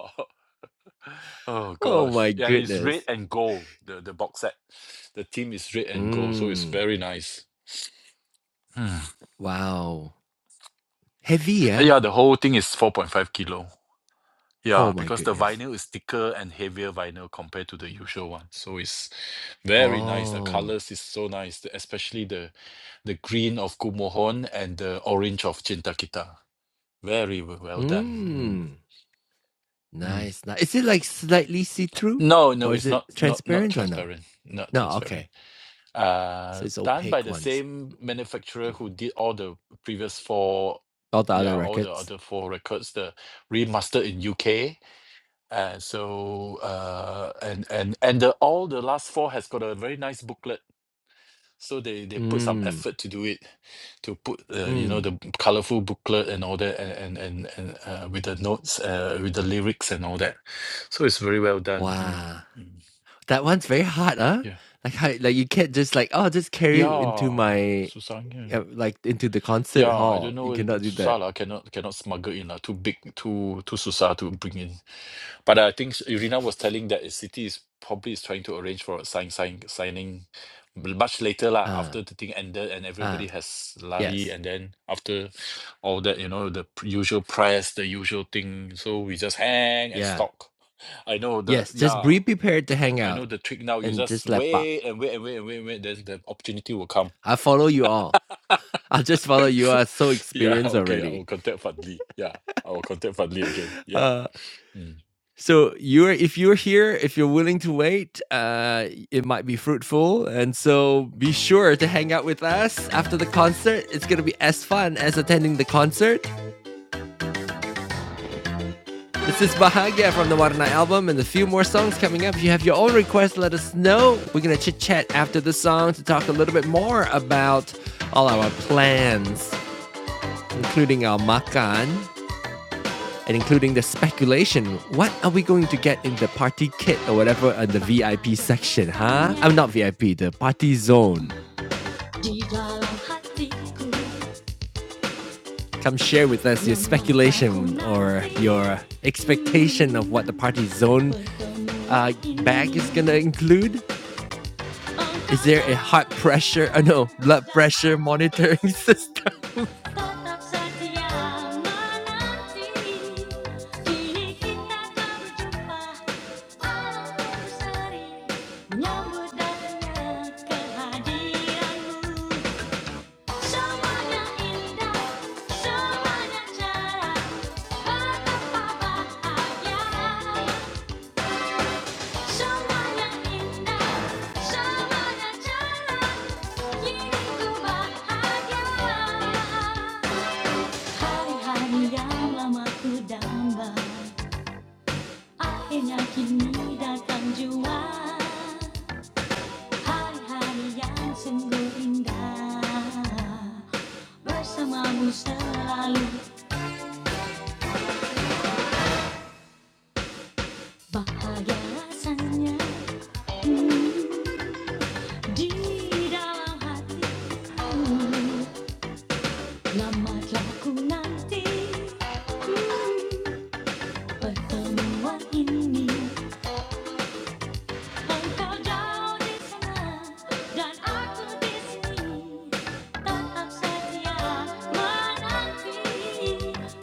C: Oh,
A: Oh
C: gosh.
A: my
C: Yeah, and it's red
A: goodness.
C: and gold, the, the box set. The theme is red and gold, so it's
A: Mm.
C: very nice. Hmm.
A: Wow. Heavy,
C: Uh,
A: yeah.
C: Yeah, the whole thing is 4.5 kilo.
A: Oh
C: Yeah,
A: my
C: because the
A: goodness.
C: vinyl is thicker and heavier vinyl compared to the usual one. So it's very nice. The
A: Oh.
C: colors is so nice, the- especially the the green of Kumohon and the orange of Chintakita. Very w- well
A: Mm.
C: done. Mm, mm.
A: Nice, nice. Is it like slightly see-through
C: No, no,
A: or is
C: it's
A: it
C: not not not
A: transparent or no?
C: transparent. Not
A: No,
C: transparent.
A: okay. So
C: Uh,
A: it's
C: done by
A: opaque
C: the
A: ones.
C: same manufacturer who did all the previous four,
A: All the
C: yeah,
A: other
C: all the
A: records.
C: other four records, the remaster in UK And so, uh, and and and the, all the last four has got a very nice booklet. So they they put some
A: Mm.
C: effort to do it, to put uh, you know
A: Mm.
C: the colorful booklet and all that, and and and, and uh, with the notes, uh, with the lyrics and all that. So it's very well done.
A: Wow.
C: Mm, mm.
A: That one's very hard, huh?
C: Yeah,
A: Like how like you can't just like, oh just carry it into
C: yeah,
A: my
C: Susan. Yeah,
A: uh, like into the concert
C: yeah. I
A: hall.
C: don't know,
A: You cannot do that.
C: Susah lah. Cannot cannot smuggle in lah. Too big, too too Susah to bring in. But I think Irina was telling that the City is probably is trying to arrange for a sign, sign signing much later lah
A: Ah,
C: after the thing ended and
A: ah,
C: everybody has lari
A: yes.
C: and then after all that you know the p- usual press the usual thing so we just hang and
A: Yeah.
C: stalk I know the
A: Yes. Just
C: yeah
A: be prepared to hang
C: I know
A: out
C: the trick now you
A: and
C: just
A: just let up.
C: wait and wait and wait and wait and wait then the opportunity will come
A: I follow you all. I just follow you. are so
C: yeah
A: experienced
C: okay I
A: already.
C: will contact Fadli yeah I will contact Fadli again yeah
A: Uh
C: Mm.
A: So you're if you're here, if you're willing to wait, uh, it might be fruitful. And so be sure to hang out with us after the concert. It's gonna be as fun as attending the concert. This is Bahagia from the Warna album, and a few more songs coming up. If you have your own requests, let us know. We're gonna chit chat after the song to talk a little bit more about all our plans, including our makan. and including the speculation. What are we going to get in the party kit or whatever at the VIP section, huh? I'm not VIP, the party zone. Come share with us your speculation or your expectation of what the party zone uh, bag is gonna include. Is there a heart pressure? Uh, no, blood pressure monitoring system? Hari-hari yang lama ku damba Akhirnya kini datang jua Hari-hari yang sungguh indah Bersamamu selalu bahagia rasanya Di dalam hati lama telah ku nanti Hmm. Pertemuan ini engkau jauh di sana dan aku di sini tetap setia menanti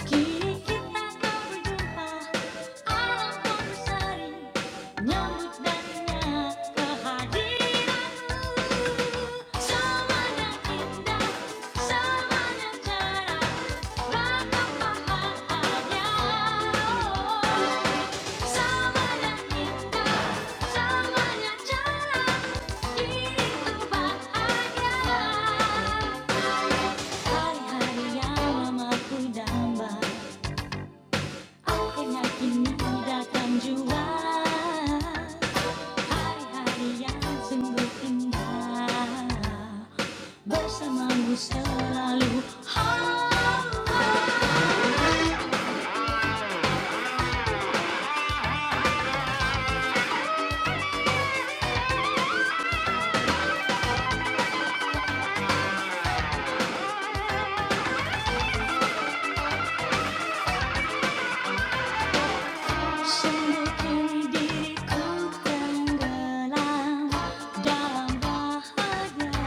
A: kini kita kau berjumpa alam pun berseri Nyambut dana kehadiranmu Semuanya indah, semuanya cerah Betapa bahagia indah, semuanya cerah Diriku bahagia Hari-hari yang lama ku damba Akhirnya kini datang Hari-hari yang sungguh indah Bersamamu selalu Ah, Sungguh diriku tenggelam Dalam bahagia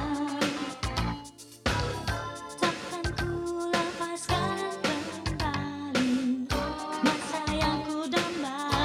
A: Takkan lepaskan kembali Masa yang ku damba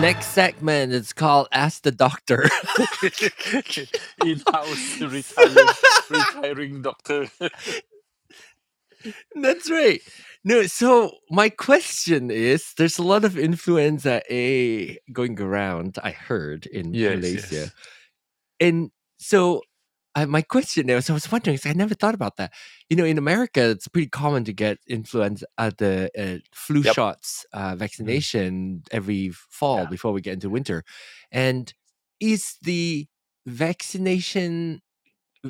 A: Next segment is called Ask the Doctor.
C: in-house
A: so
C: retiring retiring doctor
A: That's right. No, so my question is there's a lot of influenza A going around, I heard, in
C: yes yes
A: Malaysia. And so I, my question is I was wondering, 'cause I never thought about that. You know, in America, it's pretty common to get influenza, uh, the uh, flu
C: yep
A: shots uh,
C: Mm,
A: vaccination every fall
C: yeah
A: before we get into winter. And is the vaccination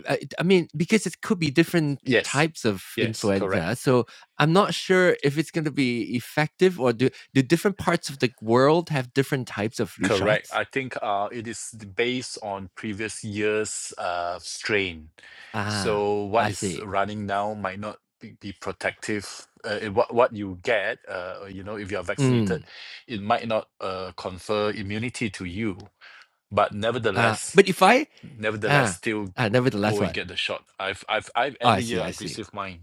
A: I, I mean, because it could be different
C: yes
A: types of
C: yes correct
A: influenza, so I'm not sure if it's going to be effective or do do different parts of the world have different types of flu
C: correct
A: shots?
C: i think uh it is d- based on previous year's uh strain
A: Ah,
C: so what
A: I
C: is
A: see.
C: running now might not be, be protective uh, it- what what you get uh you know if you are vaccinated
A: Mm.
C: it might not uh confer immunity to you but
A: Uh,
C: nevertheless
A: but if I
C: nevertheless
A: ah,
C: still
A: ah nevertheless,
C: go and
A: what?
C: get the shot I've I've I've
A: Oh, I
C: every year
A: see. I
C: I
A: see.
C: receive mine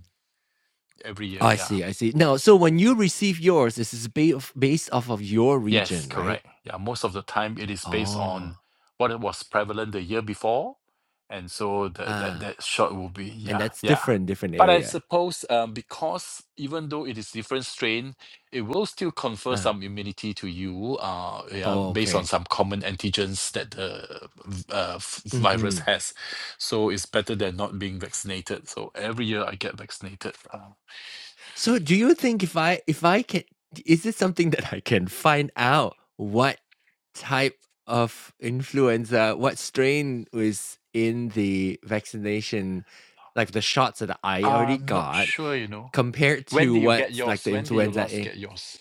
C: every
A: Oh,
C: year
A: I
C: yeah
A: see. I see. Now, so when you receive yours, this is ba- of- based off of your
C: Yes,
A: region, right?
C: correct. Yeah, most of the time it is based
A: Oh,
C: on what it was prevalent the year before, and so the, that
A: ah,
C: that shot will be
A: and
C: yeah
A: that's
C: yeah.
A: different, different
C: But I
A: area.
C: suppose um, because even though it is different strain, it will still confer
A: Ah,
C: some immunity to you. Uh, yeah,
A: oh,
C: based on
A: okay.
C: some common antigens that the v- uh, f-
A: Hmm.
C: virus has, so it's better than not being vaccinated. So every year I get vaccinated. Uh,
A: So do you think if I if I can is it something that I can find out what type of influenza, what strain was in the vaccination, like the shots that I already
C: I'm not
A: got,
C: sure, you know.
A: compared
C: When
A: to
C: did you get
A: what's like
C: yours?
A: the
C: When did you
A: influenza
C: last
A: A?
C: get yours?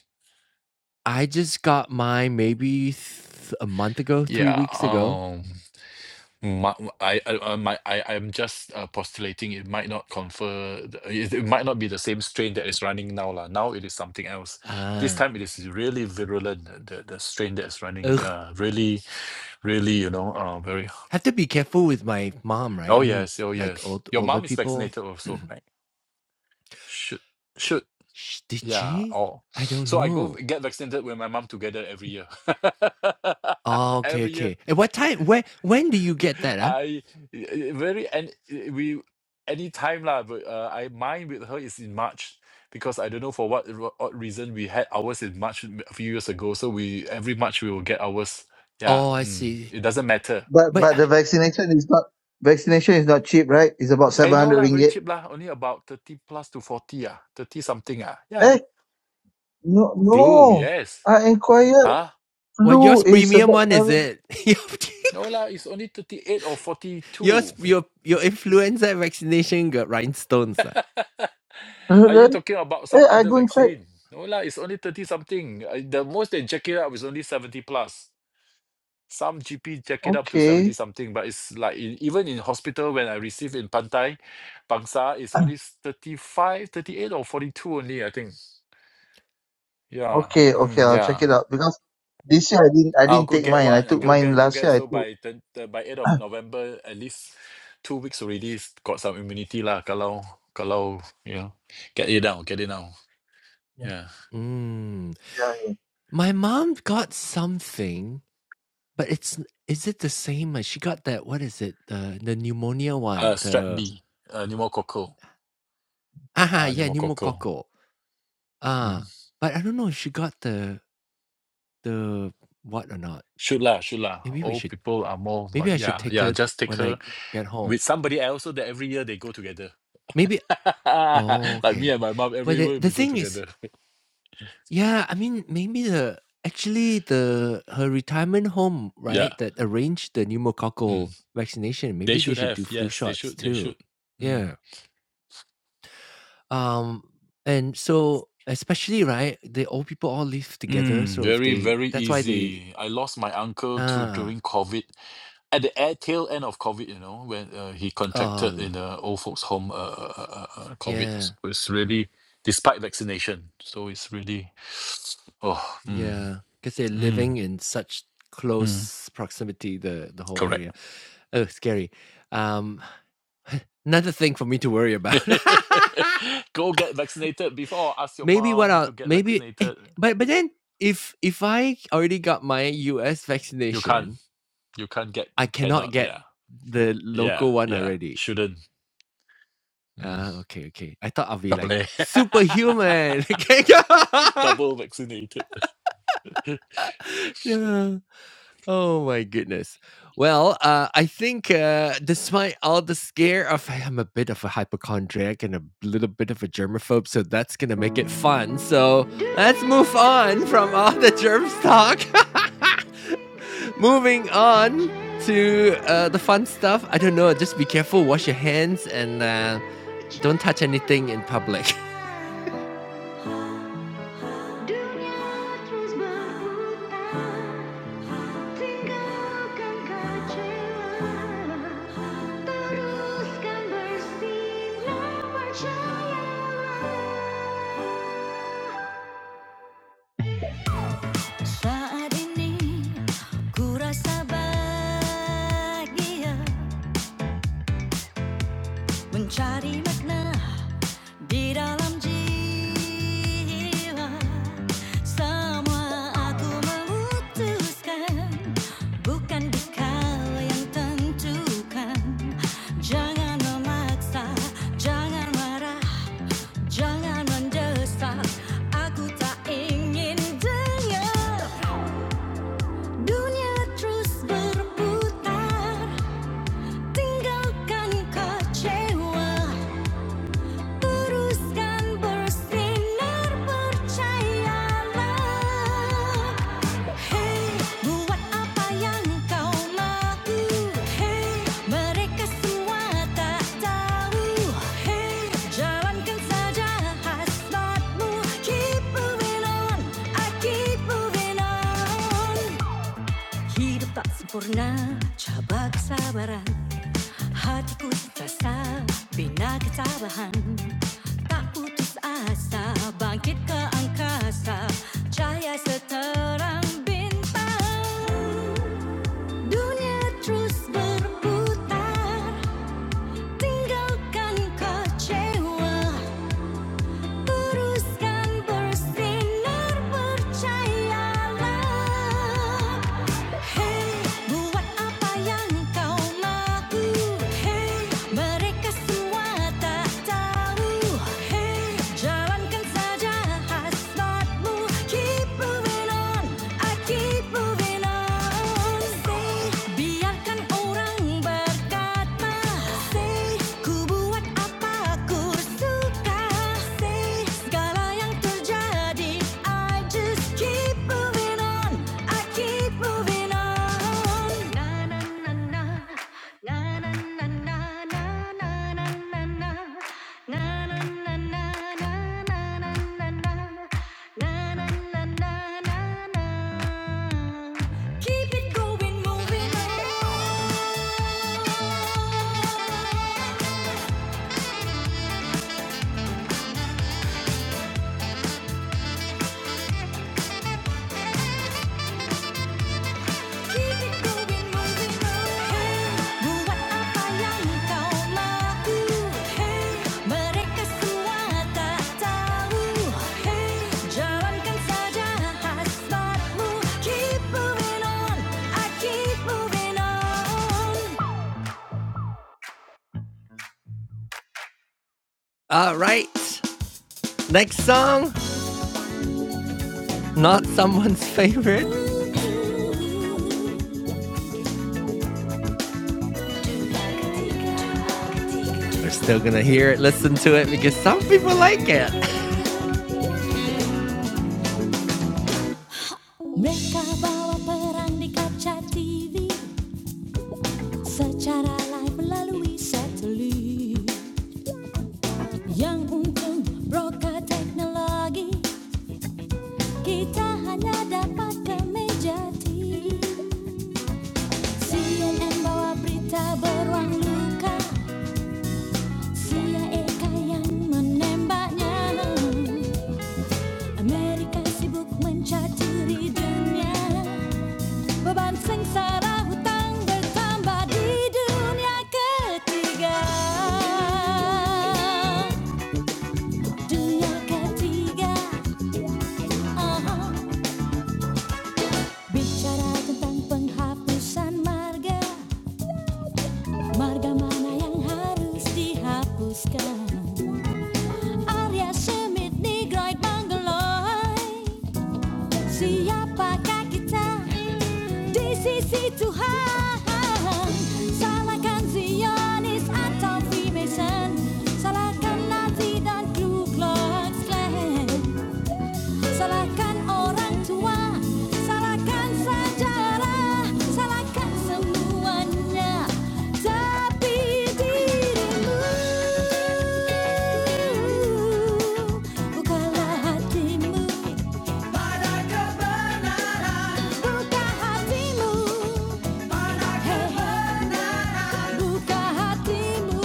A: I just got mine maybe th- a month ago, three
C: Yeah,
A: weeks ago.
C: um, my, I, I, uh, my, I, I'm just uh, postulating it might not confer, the- it, it might not be the same strain that is running now lah. Now it is something else. This
A: Ah,
C: time it is really virulent. The the the strain that is running,
A: ugh.
C: uh, really, really, you know, uh, very.
A: Have to be careful with my mom, right? I
C: Oh
A: mean,
C: yes, oh
A: like
C: yes.
A: old
C: Your
A: older
C: mom is
A: people.
C: vaccinated also, right? Should, should,
A: Sh- Did
C: yeah.
A: she?
C: Oh,
A: I don't
C: so I go
A: know.
C: v- get vaccinated with my mom together every year,
A: Oh, okay,
C: every year.
A: okay. At what time? Where? When do you get that? Huh?
C: I i- very and i- we anytime lah, but uh, I mine with her is in March because I don't know for what ro- odd reason we had ours in March m- a few years ago. So we every March we will get ours. Yeah,
A: Oh, I
C: mm,
A: see.
C: it doesn't matter.
B: But,
A: But
B: but
A: uh,
B: the vaccination is not, vaccination is not cheap, right? It's about
C: Eh, no
B: 700
C: lah, very
B: ringgit.
C: cheap lah. Only about thirty plus to forty ah, thirty something ah. Yeah,
B: Eh, no,
C: flu
B: no.
C: yes.
B: I inquired
C: Huh?
A: well,
B: flu
A: yours
B: is
A: premium
B: about
A: one is
B: seven.
A: it? Your
C: No lah, it's only thirty eight or forty
A: yours,
C: two.
A: your your influenza vaccination got rhinestones. Ah,
B: Uh,
C: Are you
B: Then,
C: talking about some
B: eh, I
C: other
B: go and check.
C: vaccine? No lah, it's only 30 something. Uh, The most they jack it up is only 70 plus. Some GP jack it up to 70
B: Okay,
C: something, but it's like in, even in hospital when I receive in Pantai, Bangsa, it's only s- 35, thirty-eight or 42 only, I think. Yeah.
B: okay, okay.
C: Mm,
B: I'll check it
C: yeah.
B: out because this year I didn't, I
C: I'll
B: didn't
C: go
B: take
C: get
B: mine. I
C: one. uh,
B: took
C: Go
B: mine
C: get, go
B: last
C: get.
B: year. I
C: So
B: took.
C: by the, the, by 8th of November, at least two weeks already s- got some immunity lah. Kalau, kalau, you know, get it now, get it now. Yeah.
A: Mm.
B: yeah,
A: My mom got something, but it's is it the same? as She got that. What is it? The the pneumonia
C: Uh,
A: one.
C: strep
A: The
C: B, uh, pneumococcal,
A: ah
C: uh,
A: yeah
C: pneumococcal.
A: pneumococcal.
C: Mm.
A: Ah, but I don't know if she got the the what or not.
C: Should lah, should lah.
A: Maybe we
C: Old
A: should.
C: people are more,
A: Maybe
C: but
A: I should
C: yeah,
A: take
C: yeah.
A: her th-
C: Just take
A: when I
C: her
A: get home.
C: with somebody else so that every year they go together.
A: Maybe oh,
C: like me
A: okay.
C: and my mom,
A: Well,
C: every
A: the
C: year
A: the
C: we go
A: thing is
C: together.
A: yeah, I mean, maybe the actually the her retirement home, right,
C: yeah.
A: that arranged the pneumococcal
C: Mm.
A: vaccination,
C: They
A: maybe they
C: should
A: should do
C: have.
A: flu
C: Yes, they
A: shots
C: should. They
A: too.
C: should.
A: Yeah.
C: Mm.
A: Um, and so especially, right, the old people all live together,
C: Mm,
A: so if
C: very,
A: they
C: very
A: that's why they
C: easy. I lost my uncle to
A: ah,
C: during COVID. at the air tail end of COVID, you know, when uh, he contracted
A: oh,
C: in the old folks' home, uh, uh, uh, uh, uh, COVID
A: yeah.
C: s- was really despite vaccination. So it's really, oh, mm,
A: yeah because 'cause they're
C: mm,
A: living in such
C: mm,
A: close proximity, the the whole
C: correct.
A: area. Oh, scary. Um another thing for me to worry about.
C: Go get vaccinated before ask your
A: maybe what
C: mom
A: I'll
C: to get
A: maybe eh,
C: vaccinated.
A: but but then if if I already got my US
C: You can't.
A: vaccination,
C: You can't get.
A: I cannot
C: Cannot.
A: get
C: Yeah.
A: the
C: Yeah.
A: local one
C: Yeah.
A: already.
C: Shouldn't.
A: Ah,
C: Mm,
A: okay, okay. I thought I'll be
C: double
A: like
C: A.
A: superhuman. Okay.
C: double vaccinated.
A: yeah. Oh my goodness. Well, uh, I think uh, despite all the scare of "Hey, I'm a bit of a hypochondriac and a little bit of a germaphobe, so that's gonna make it fun. So let's move on from all the germs talk. Moving on to uh, the fun stuff. I don't know. Just be careful. Wash your hands and uh, don't touch anything in public. Saat ini ku rasa bahagia mencari makna Di dalam jiwa semua aku memutuskan bukan kau yang tentukan jangan memaksa jangan marah jangan mendesak aku tak ingin dengar dunia terus berputar tinggalkan kecewa Teruskan bersinar percayalah Hey buat apa yang kau mahu Hey mereka semua tak tahu Hey jalankan saja hasratmu Keep moving on, I keep moving on Hidup tak sempurna, cabak sabaran Hatiku sesat, bina ketabahan Tak putus asa, bangkit ke angkasa Cahaya seterang bintang Dunia terus berputar Tinggalkan kecewa teruskan bersinar percayalah. Hey, buat apa yang kau mahu. Hey, mereka semua tak tahu. Hey, jalankan saja hasratmu. Keep moving on, I keep moving on. Say, biarkan orang berkata. Say, Ku buat apa aku suka Say segala yang terjadi I just keep moving on I keep moving on na Na na na na na na na na na Na na na na na na na na na Na na na na na na Keep it going moving on All right, next song, not someone's favorite. We're still gonna hear it, listen to it because some people like it. Mereka bawa perang di kaca TV Secara live melalui satelit Yang untung broker teknologi Kita hanya dapat ke meja TV CNN bawa berita beruang luka CIA yang menembaknya Amerika sibuk mencaturi dunia beban sengsara hutang bertambah di dunia ketiga dunia ketiga aha. bicara tentang penghapusan marga marga mana yang harus dihapuskan Arya Semit Nigroid Mangaloy Siapa kita? Di sisi Tuhan Salahkan Zionis atau Freemason Salahkan Nazi dan Ku Klux Klan Salahkan orang tua Salahkan sejarah Salahkan semuanya Tapi dirimu Bukalah hatimu Buka hatimu Hey, hey. Buka hatimu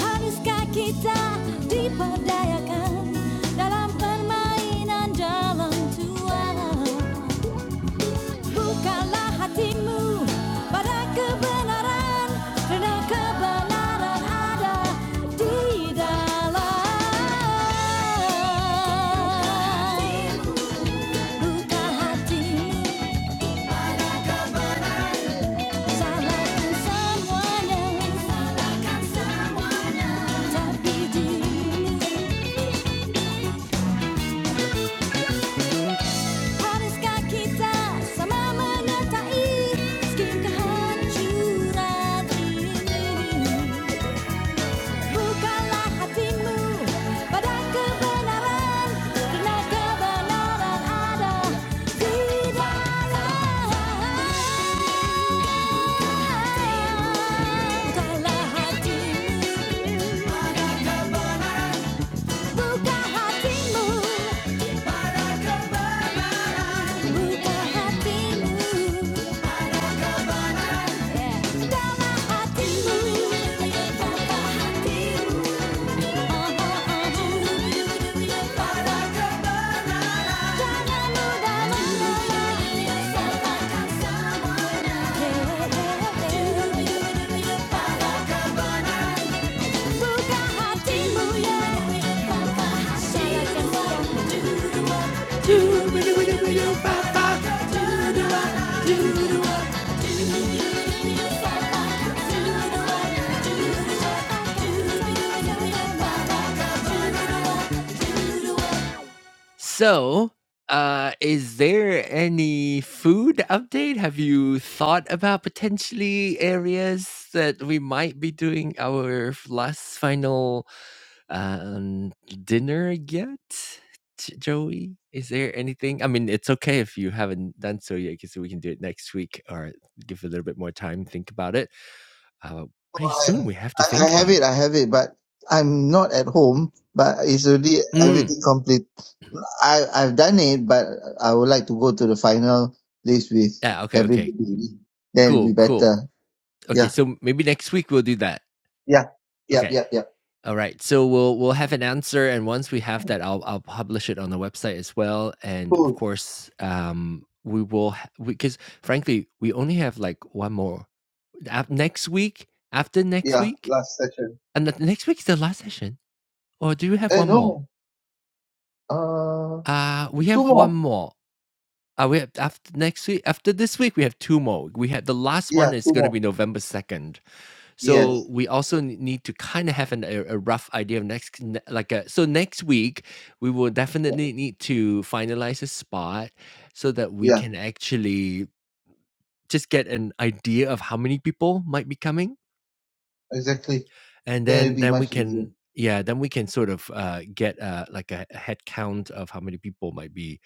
A: Haruskah kita diperdayakan dalam permainan jalan tua? Bukalah hatimu pada kebenaran Karena kebenaran ada di dalam Buka hatimu Salahkan someone else. Tapi dirimu. Haruskah kita sama menyertai meski kehancuran ini? bukanlah hatimu pada kebenaran Karena kebenaran ada di dalam Bukalah hatimu pada kebenaran buka hatimu, Para kebenaran, buka hatimu, para kebenaran, dama hatimu, buka hatimu, oh oh oh. para kebenaran. Jangan mudah menyerah, serahkan semuanya. Pada kebenaran, Buka hatimu ya Tanpa hasil akan So, uh, is there any food update? Have you thought about potentially areas that we might be doing our f- last final Um, dinner yet, J Joey? Is there anything? I mean, it's okay if you haven't done so yet, because we can do it next week or give it a little bit more time, think about it. Uh, pretty
B: Oh, I,
A: soon we have to
B: I I
A: think
B: have
A: about
B: it.
A: it.
B: I have it, but I'm not at home. But it's already
A: Mm.
B: everything complete. I I've done it, but I would like to go to the final list with
A: Yeah. Okay. Okay.
B: everybody. Then it'll
A: Cool.
B: be
A: Cool.
B: better.
A: Okay.
B: Yeah,
A: So maybe next week we'll do that.
B: yeah, yep,
A: Okay.
B: yep, yep.
A: All right. So we'll we'll have an answer, and once we have that, I'll I'll publish it on the website as well, and of
B: Cool.
A: course, um, we will because frankly, we only have like one more af- next week, after next
B: Yeah,
A: week,
B: last session.
A: and the next week is the last session. Or do you have
B: Eh,
A: one more?
B: no. Uh,
A: Uh, we
B: two
A: have one
B: more.
A: more. Uh, we have after next week, after this week, we have two more. We had the last
B: Yeah,
A: one is
B: two
A: going to
B: more.
A: be November 2nd. So
B: Yes.
A: we also n- need to kind of have an, a, a rough idea of next, ne- like, a, so next week, we will
B: Yeah,
A: definitely need to finalize a spot so that we
B: yeah,
A: can actually just get an idea of how many people might be coming
B: exactly.
A: and
B: Then it'll
A: then
B: be
A: then we
B: much easier.
A: can yeah then we can sort of uh, get uh, like a a head count of how many people might be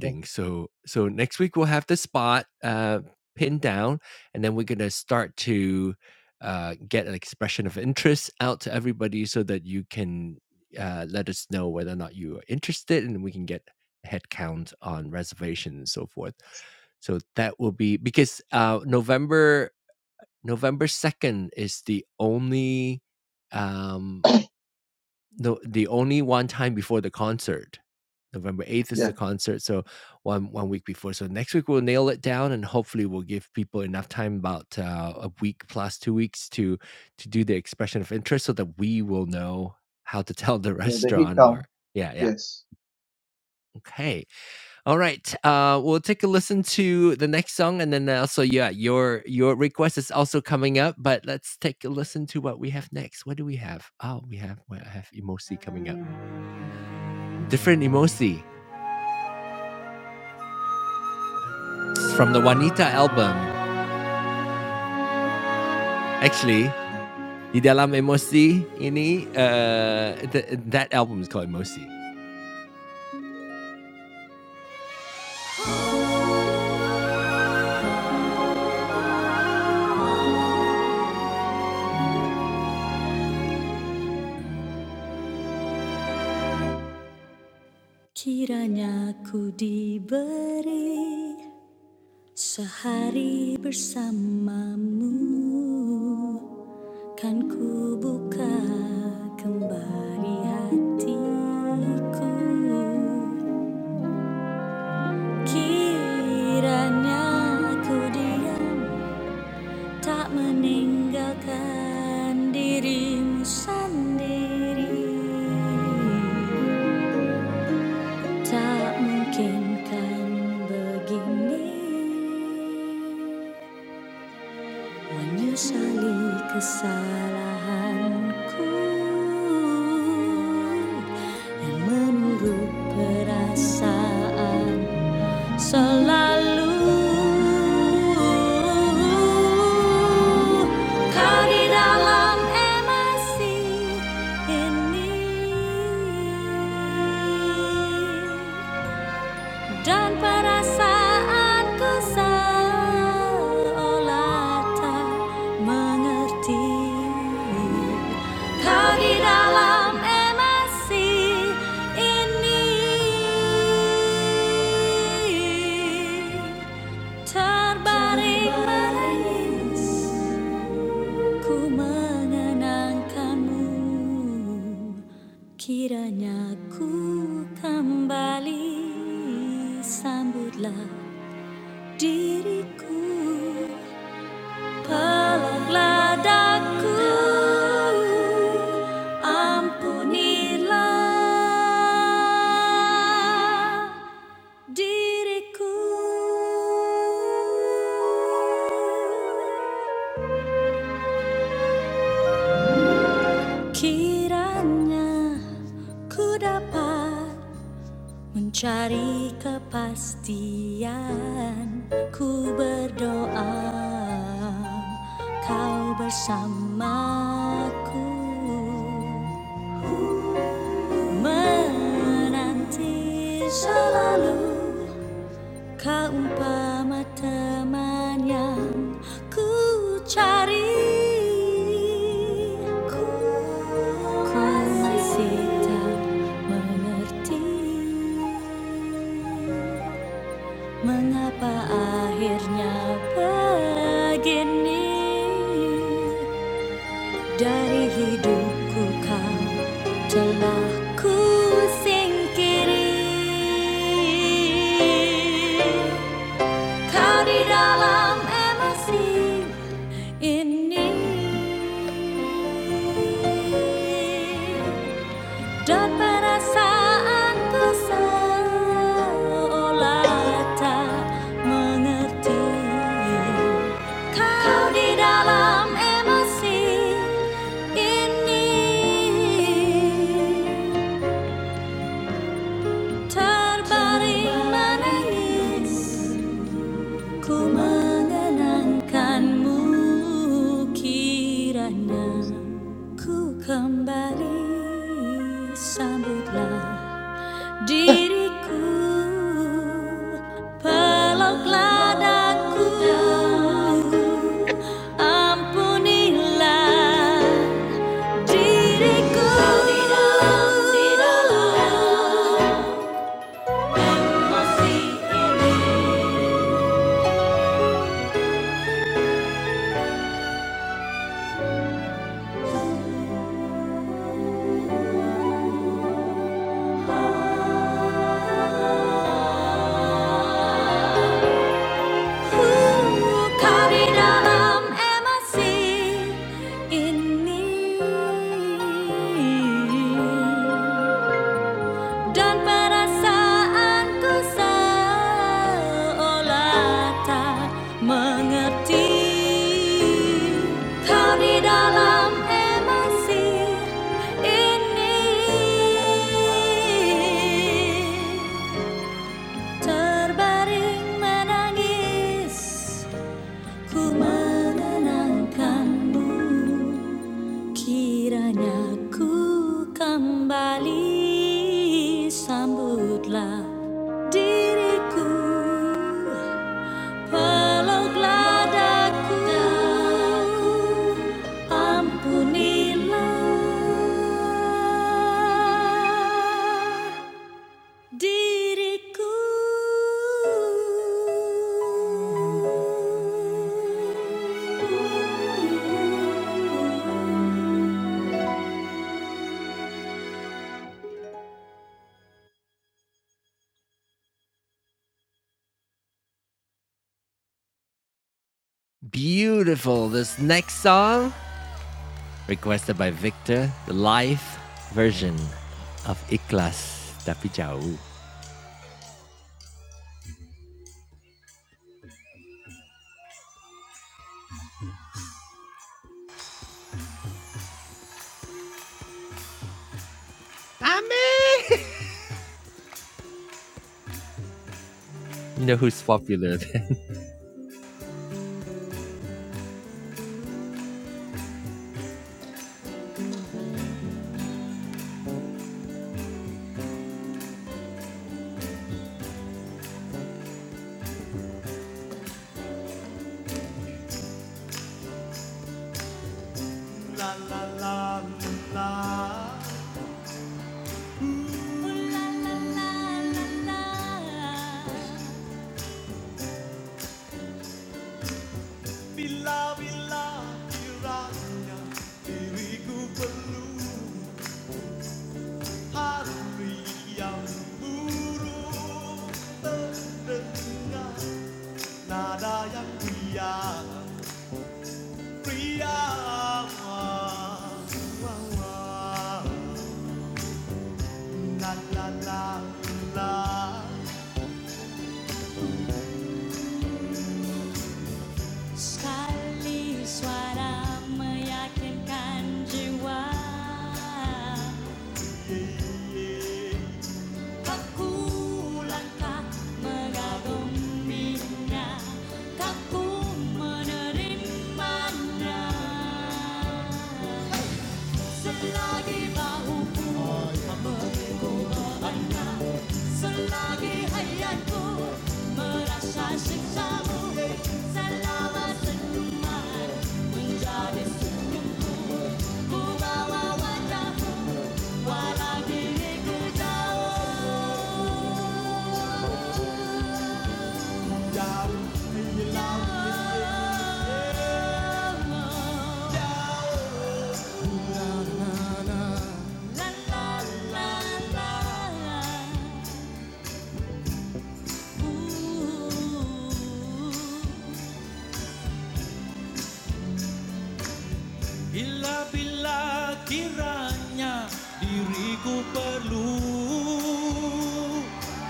B: Yeah,
A: so so next week we'll have the spot uh, pinned down and then we're gonna start to uh, get an expression of interest out to everybody so that you can uh, let us know whether or not you are interested and we can get a head count on reservations and so forth so that will be because uh, november November 2nd is the only um the the only one time before the concert. November 8th is
B: yeah,
A: the concert, so one one week before. So next week we'll nail it down and hopefully we'll give people enough time about uh, a week plus 2 weeks to to do the expression of interest so that we will know how to tell the
B: yeah. The head
A: restaurant or
B: down.
A: yeah, yeah.
B: Yes.
A: Okay. All right. Uh, we'll take a listen to the next song, and then uh, also, yeah, your your request is also coming up. But let's take a listen to what we have next. What do we have? Oh, we have we have emosi coming up. Different emosi from the Wanita album. Actually, di dalam emosi ini, uh, th- that album is called emosi. Kiranya ku diberi sehari bersamamu Kan ku buka kembali hatiku Kiranya ku diam tak meninggalkan dirimu sendiri Tak mungkin kan begini Menyesali kesalahanku dan menurut perasaan selalu kau di dalam emosi ini. Dan perasaanku seolah tak mengerti Kau di dalam emosi ini Terbaring menangis Ku mengenangkanmu Kiranya ku kembali Sambutlah diriku pelanglah daku ampunilah diriku kiranya ku dapat Mencari kepastian, ku berdoa kau bersamaku, menanti selalu kau umpama teman yang ku cari. Ku masih tak mengerti. Mengapa akhirnya begini Dari hidupku kau telah ku singkiri Kau di dalam emosi ini Dan perasaanku seolah tak mengerti Kau di dalam emosi ini Terbaring menangis Ku mengenangkanmu kiranya Ku kembali sambutlah Diriku peluklah daku ampunilah diriku di dalam masih ini kau di dalam emasi ini. dan perasaanku seolah tak mengerti kau di dalam emosi ini terbaring menangis ku menenangkanmu kiranya ku kembali sambutlah Diriku peluklah daku ampunilah diriku. Beautiful. This next song, requested by Victor, the live version of Ikhlas Tapi Jauh. Amin. You know who's popular then? Sekali suara meyakinkan jiwa Kaku langkah mengaguminya Kaku menerimanya Selagi bahuku membeku beban Selagi ayanku merasa sijamu selama terlumai menjadi sungguh ku bawa wajah walau diriku jauh. Bila-bila kiranya diriku perlu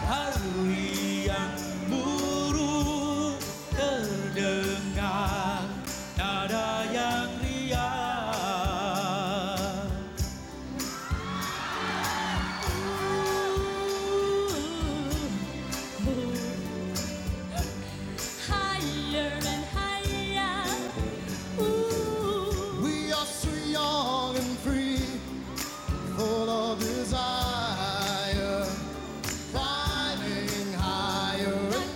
A: Hari yang buruk terdengar Nada yang riang Higher and higher, ooh. We are so young and free, full of desire, climbing higher and higher.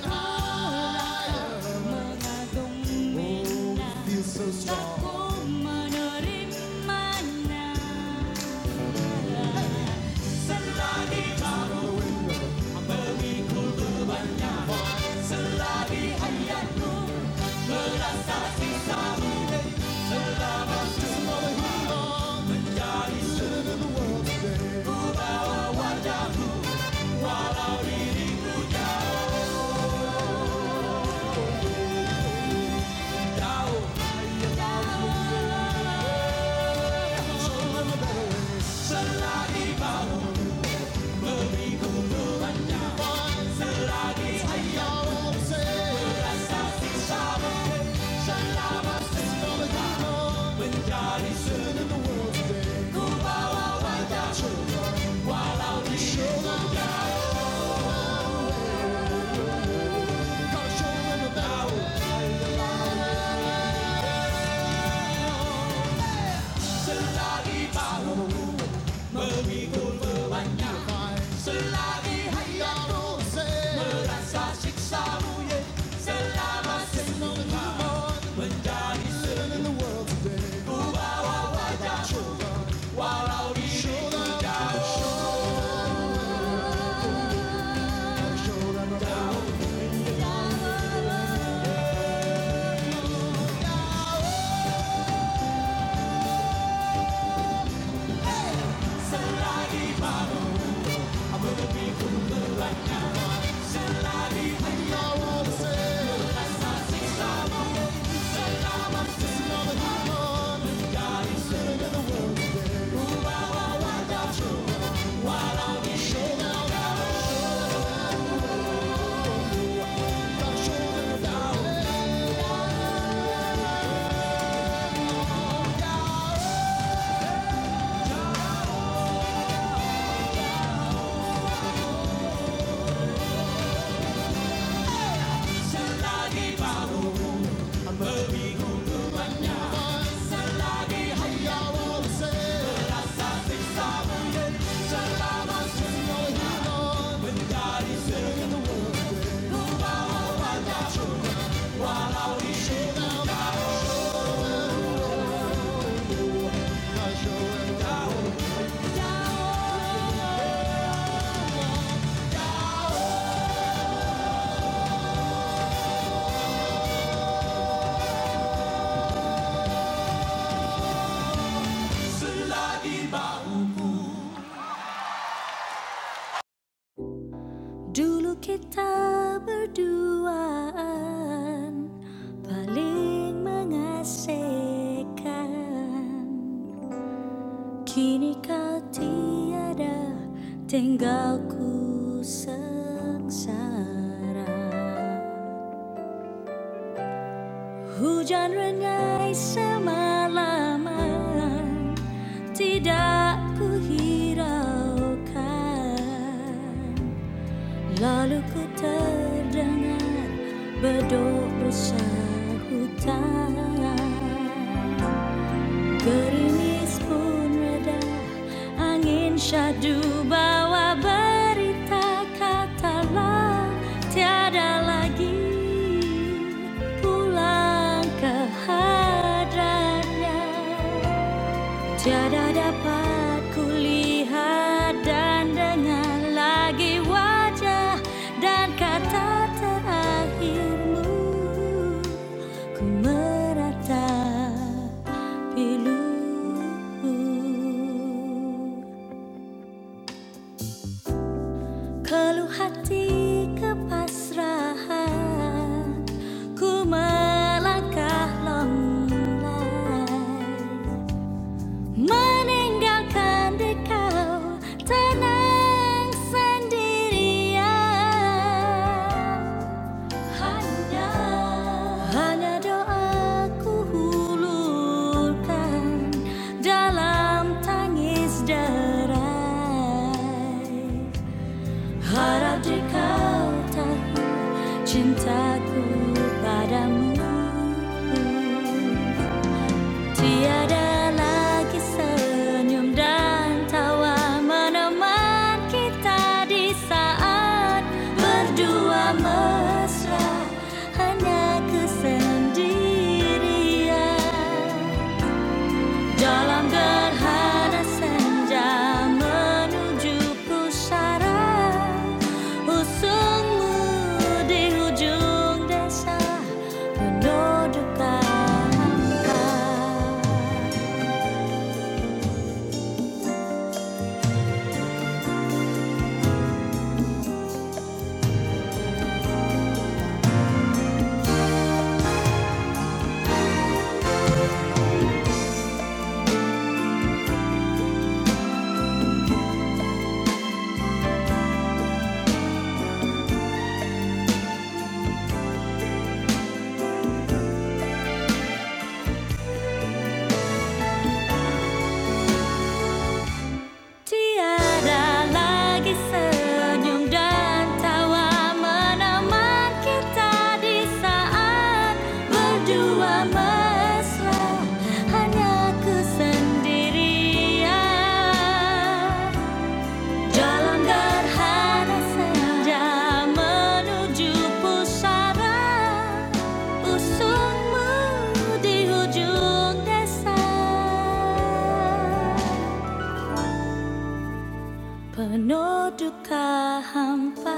A: Dulu kita berduaan paling mengasihkan Kini kau tiada tinggal sengsara Hujan rengai semalaman tidak ku hiraukan Lalu ku terdengar berdoa hutan, Gerimis pun reda, angin syahdu bawa berita Katalah tiada lagi pulang ke hadratnya Tiada dapat kulihat dan dengar lagi wajah dan kata terakhirmu Ku meratapi luku Keluh hati kepasrahan Ku melangkah longlai Meninggalkan dekau tenang sendirian Hanya Hanya doaku hulurkan dalam tangis derai Harap dekau tahu cintaku padamu Tiada lagi senyum dan tawa menemani kita di saat berdua mesra hanya kesendirian dalam gerhana senja menuju pusara usungmu di hujung desa penuh duka. hampa. Tiada lagi senyum dan tawa menemani kita di saat berdua mesra hanya kesendirian jalan gerhana senja menuju pusara usungmu di hujung desa. Penuh duka hampa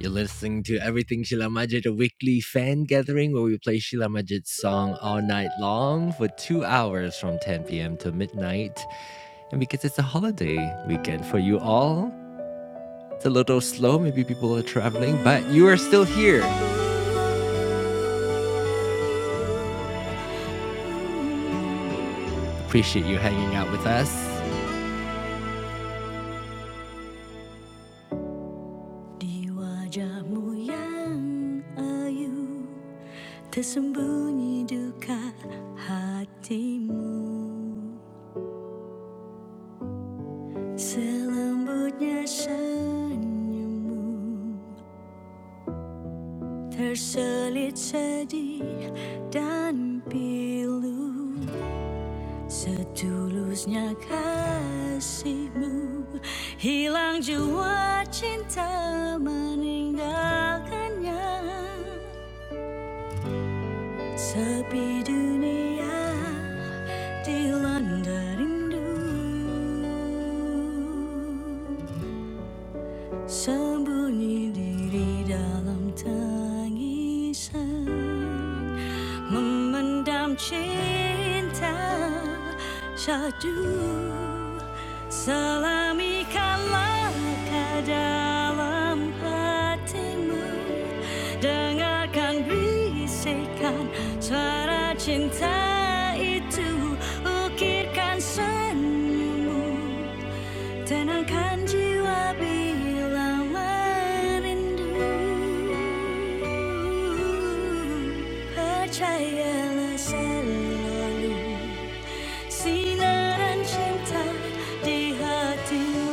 A: You're listening to Everything Sheila Majid, a weekly fan gathering where we play Sheila Majid's song all night long for two hours from 10 p.m. to midnight. And because it's a holiday weekend for you all, it's a little slow. Maybe people are traveling, but you are still here. Appreciate you hanging out with us. Di wajahmu yang ayu Tersembunyi duka hatimu Selembutnya senyummu Terselit sedih dan pilu Setulusnya kasihmu Hilang jua cinta meninggalkannya Sepi dunia dilanda rindu Sembunyi diri dalam tangisan Memendam cinta syahdu Selami langkah dalam hatimu Dengarkan bisikan suara cinta itu Ukirkan senyummu Tenangkan jiwa bila merindu. Percayalah selalu sinaran cinta di hatimu.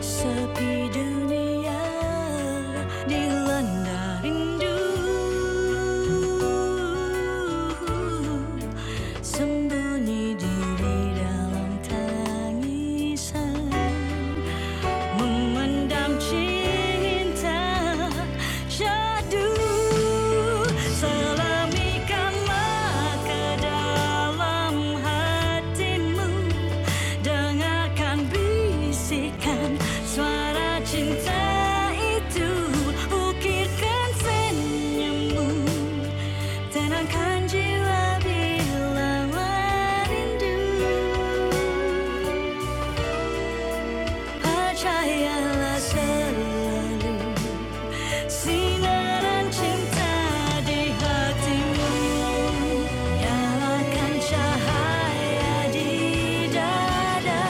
A: Sepi dunia dilanda rindu Sembunyi diri dalam tangisan memendam cinta syadu selamikan maka dalam hatimu dengarkan bisikan suara cinta itu ukirkan senyummu Tenangkan jiwa bila merindu Percayalah selalu sinaran cinta di hatimu Nyalakan cahaya di dada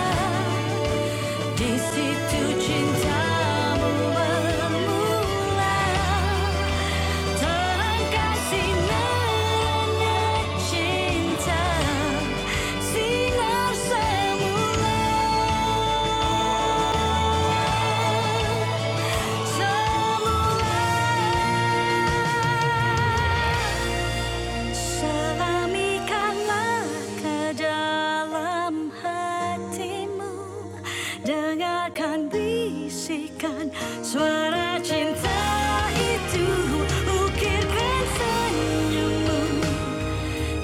A: Di situ cintamu bermula Terangkan sinarnya cinta Sinar semula Semula selamikanlah ke dalam hatimu, dengarkan bisikan suara cinta itu, ukirkan senyummu,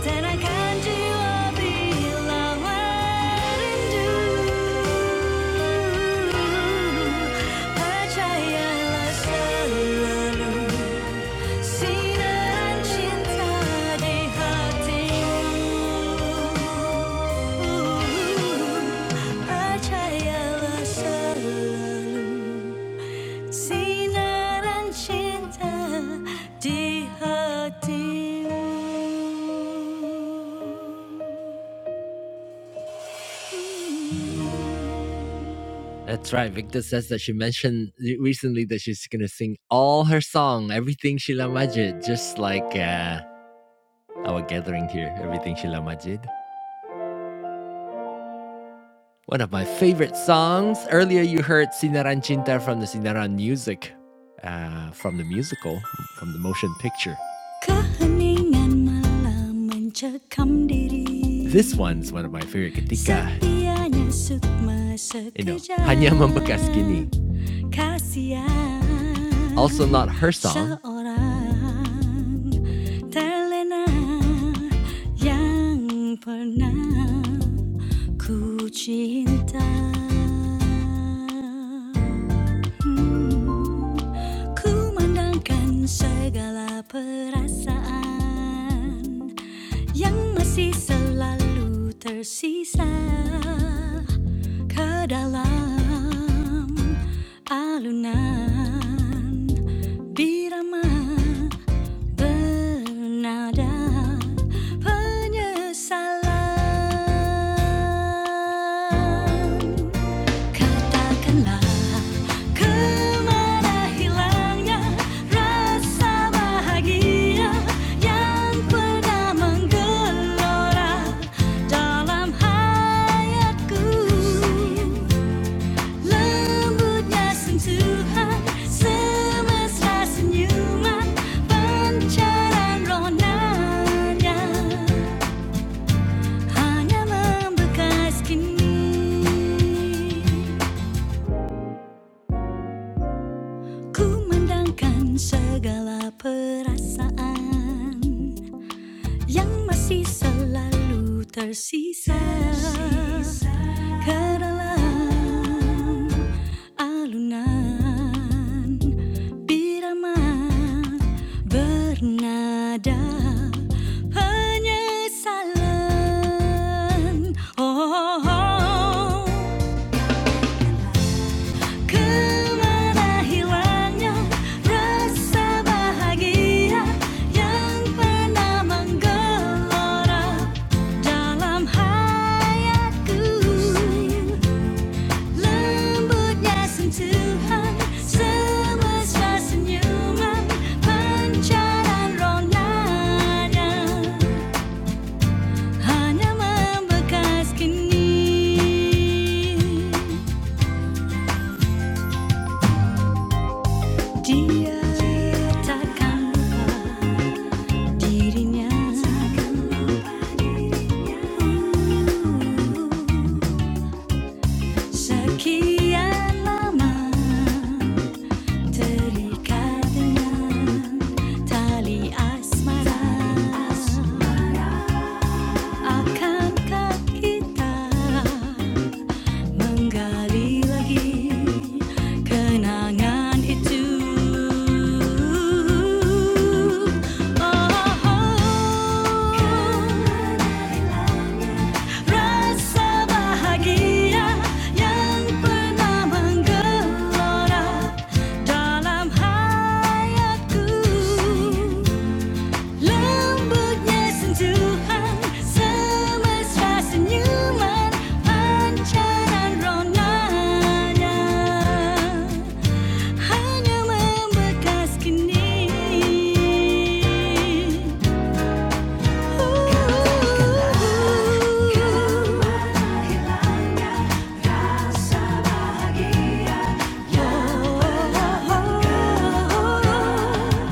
A: tenangkan jiwa bila merindu. Percayalah selalu. That's right. Victor says that she mentioned re- recently that she's going to sing all her song, everything Sheila Majid, just like uh, our gathering here, everything Sheila Majid. One of my favorite songs. Earlier, you heard Sinaran Cinta from the Sinaran music, uh, from the musical, from the motion picture. This one's one of my favorite ketika, you know, hanya membekas kini. Also, not her song. Hmm, Ku mandangkan segala perasaan Yang masih selalu tersisa Ke dalam alunan Birama bernada penyesalan Katakanlah kemana hilangnya rasa bahagia yang pernah menggelora dalam hayatku. Lembutnya sentuhan semesta senyuman pancaran ronanya hanya membekas kini. Ku mendangkan segala perasaan Yang masih selalu tersisa tersisa. Ke dalam alunan birama bernada penyesalan Oh, oh, oh. Kemana hilangnya rasa bahagia yang pernah menggelora dalam hayatku? Lembutnya sentuhan semesta senyuman pancaran ronanya hanya membekas kini. Dia takkan lupa dirinya. Sekian lama terikat tali asmara akankah kita menggali lagi kenangan itu oh, oh. Rasa bahagia yang pernah menggelora dalam hayatku Lembutnya sentuhan semesta senyuman pancaran ronanya Hanya membekas kini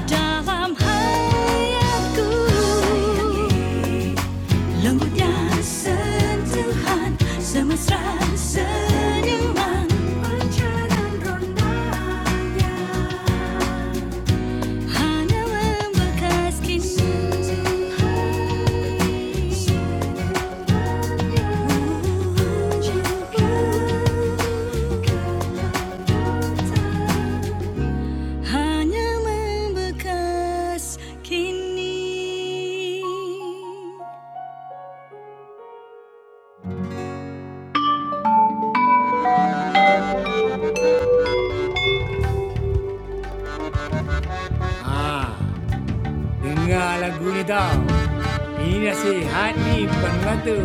A: Dalam hayatku Lembut sentuhan Semesra senyuman Pancaran rondanya 하나와 막아스킨 하나만 bakaskin Ha, dengar lagu ni tau. Ini hati penatu.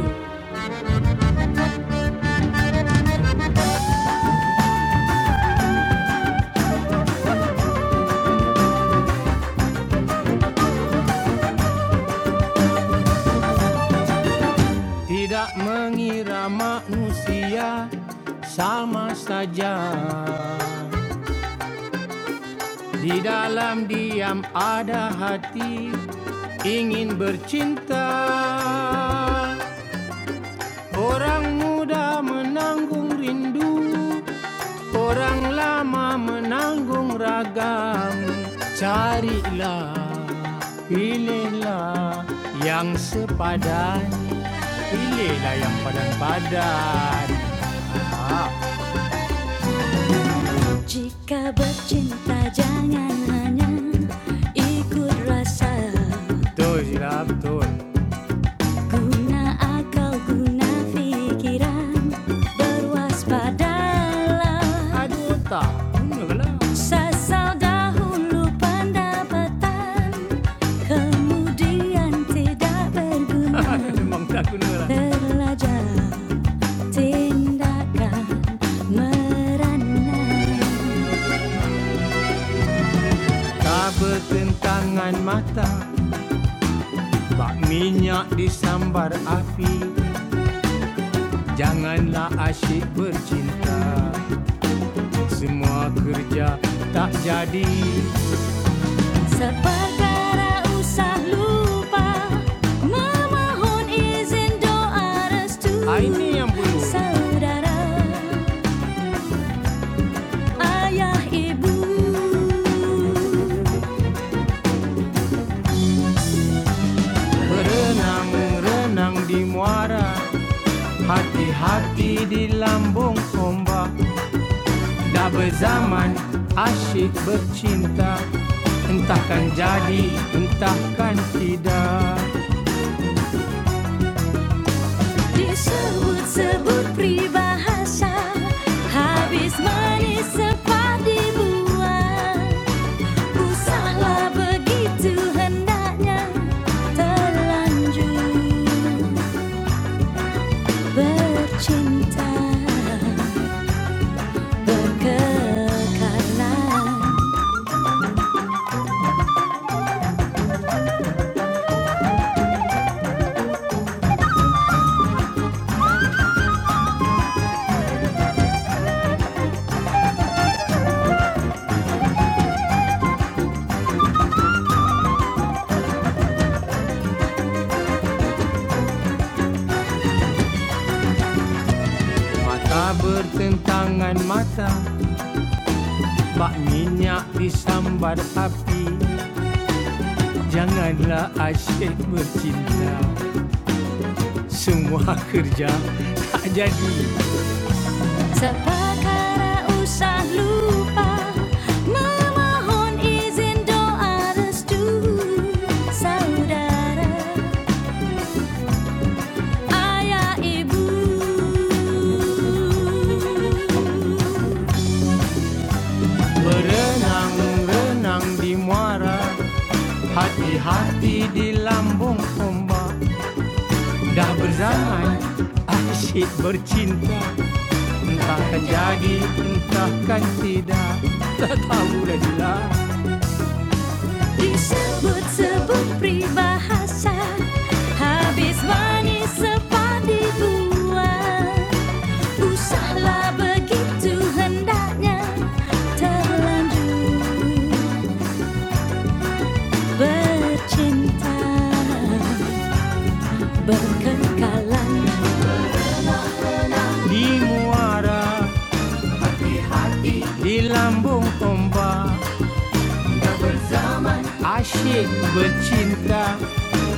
A: Tidak mengira manusia sama saja. Di dalam diam ada hati ingin bercinta Orang muda menanggung rindu Orang lama menanggung ragam Carilah, pilihlah yang sepadan Pilihlah yang padan-padan Jika bercinta jangan hanya ikut rasa Betul, Zira, betul Guna guna pikiran, berwaspadalah. Aduh tak, Sasal dahulu pendapatan, kemudian tidak berguna. Memang tindakan merana. Tak bertentangan mata Bak minyak disambar api Janganlah asyik bercinta Semua kerja tak jadi Seperkara usah lupa Memohon izin doa restu Ah, ini yang perlu. Saudara Ayah ibu Berenang, renang di muara Hati-hati di lambung ombak Dah berzaman asyik bercinta Entahkan jadi, entahkan tidak Disebut-sebut peribahasa Habis manis sempat dibuang Usahlah begitu hendaknya Terlanjur bercinta Berkekalan Mata bertentangan mata Pak Minyak disambar api Janganlah asyik bercinta Semua kerja tak jadi Sepakara usah lupa Memohon izin doa restu Saudara, ayah, ibu Berenang-renang di muara Hati-hati di lambung ombak Dah berzaman, asyik bercinta Entahkan jadi, entahkan tidak Tak tahu lagi lah Disebut-sebut peribahasa Habis manis sepadi buah Usahlah begitu hendaknya Terlanjur bercinta Berkekalan Di muara Di lambung ombak asyik bercinta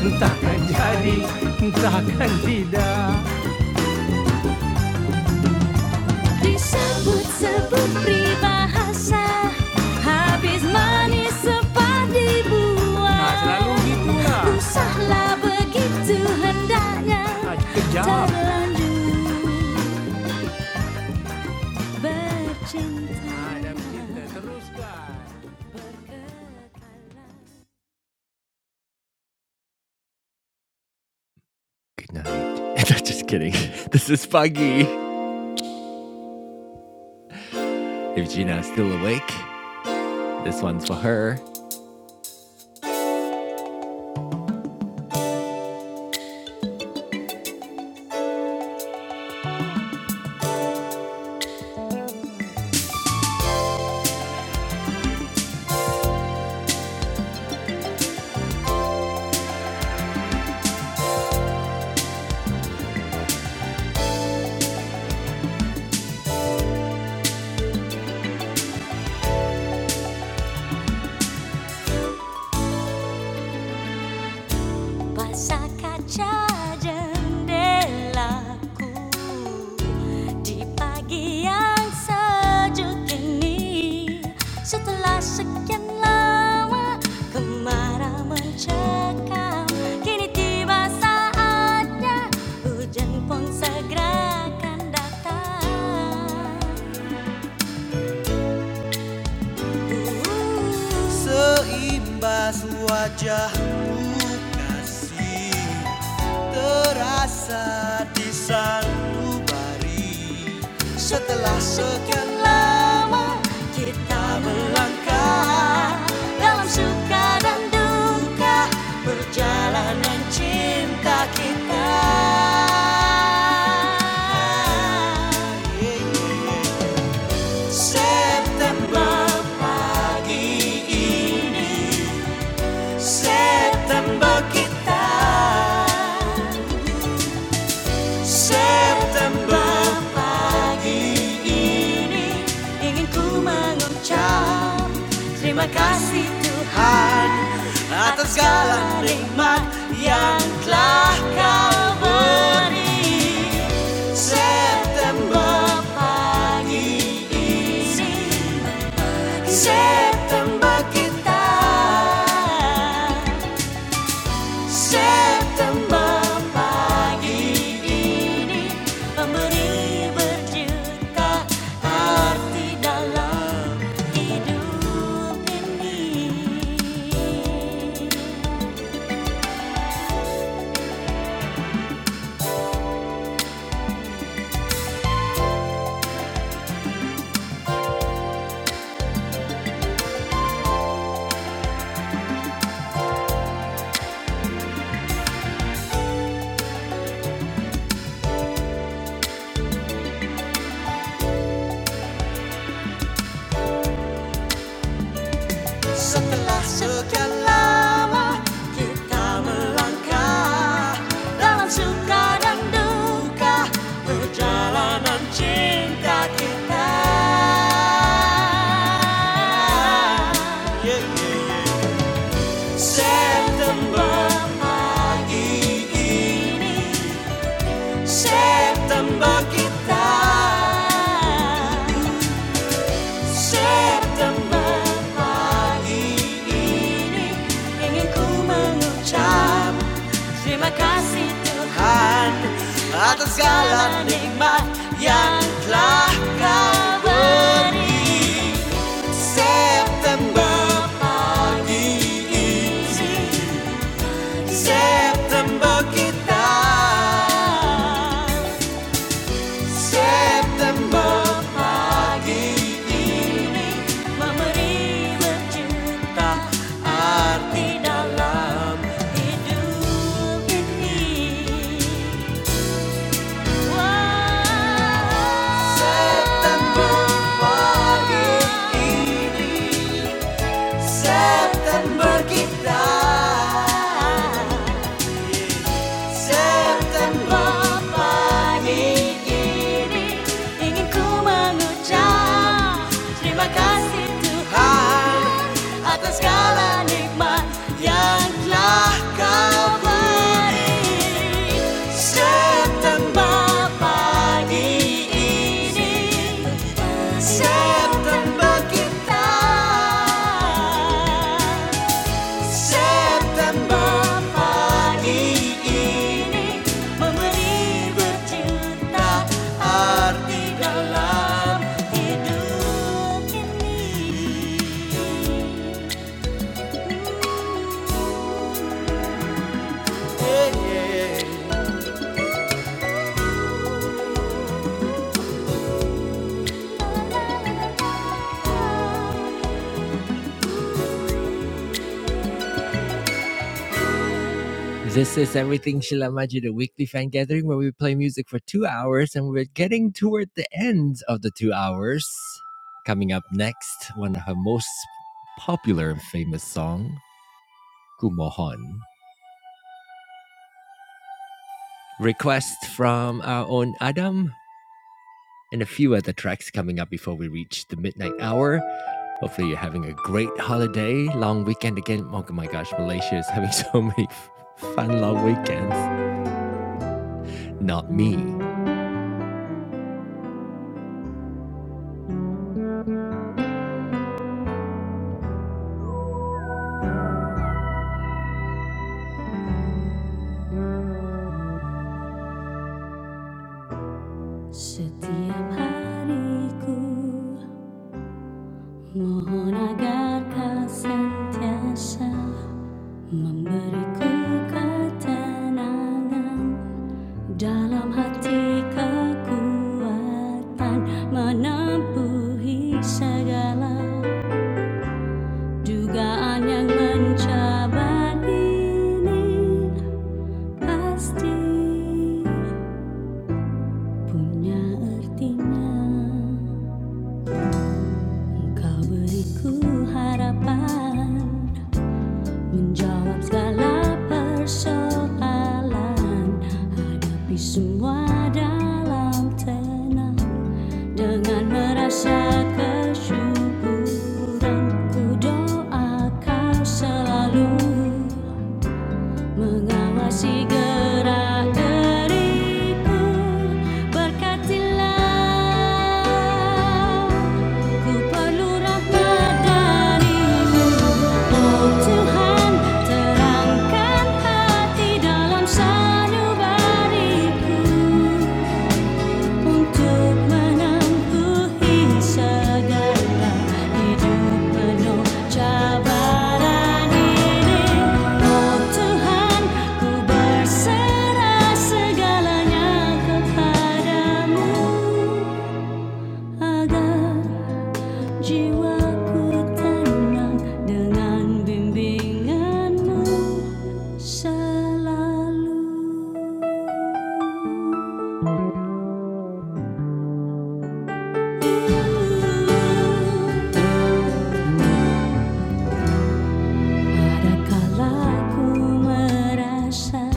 A: Entahkan jadi, entahkan tidak Disebut-sebut peribahasa Habis manis sepadi buah Nah selalu gitu lah Usahlah begitu hendaknya Nah, Terlanjur bercinta Ah, dah teruskan Good night. Just kidding. This is Foggy. If Gina is still awake, this one's for her. Masa kaca jendelaku Di pagi yang sejuk ini Setelah sekian lama kemarau mencekam Kini tiba saatnya hujan pun segera akan datang Uh, Seimbas wajahmu kasih terasa di sanubari setelah lama dalam suka dan duka perjalanan cinta kita September kita September pagi ini ingin ku mengucap terima kasih Tuhan atas segala nikmat yang telah kau beri. September pagi ini, September kita. September pagi ini memberi berjuta arti dalam hidup ini. Setelah sekian lama kita melangkah dalam suka dan duka berjalan. September, September pagi ingin ku mengucap. Terima kasih Tuhan Tuhan atas segala nikmat yang telah kau beri September pagi ini September kita September Memberi wujud arti dalam hidup ini September September kita September pagi ini Ingin ku mengucap Terima kasih Tuhan Atas segala nikmat yang telah kau beri September ini September kita This is Everything Sheila Maji, the weekly fan gathering where we play music for two hours, and we're getting toward the end of the two hours. Coming up next, one of her most popular and famous song, Gumohon. Request from our own Adam and a few other tracks coming up before we reach the midnight hour. Hopefully, you're having a great holiday, long weekend again. Oh my gosh, Malaysia is having so many fun long weekends. Not me. Setiap hariku mohon agar kau sentiasa memberiku ketenangan dalam hati kekuatan menempuhi segala dugaan yang mencabar ini pasti punya artinya kau beriku harapan menjawab segala persoalan hadapi semua dalam tenang dengan merasa kesyukuran ku doa kau selalu mengawasi gerak diriku berkatilah ku perlu rahmat darimu oh Tuhan terangkan hati dalam sanubariku Untuk menempuhi segala hidup penuh cabaran ini, Oh Tuhan, ku berserah segalanya kepadamu agar jiwaku tenang dengan bimbinganmu selalu. Adakala ku merasa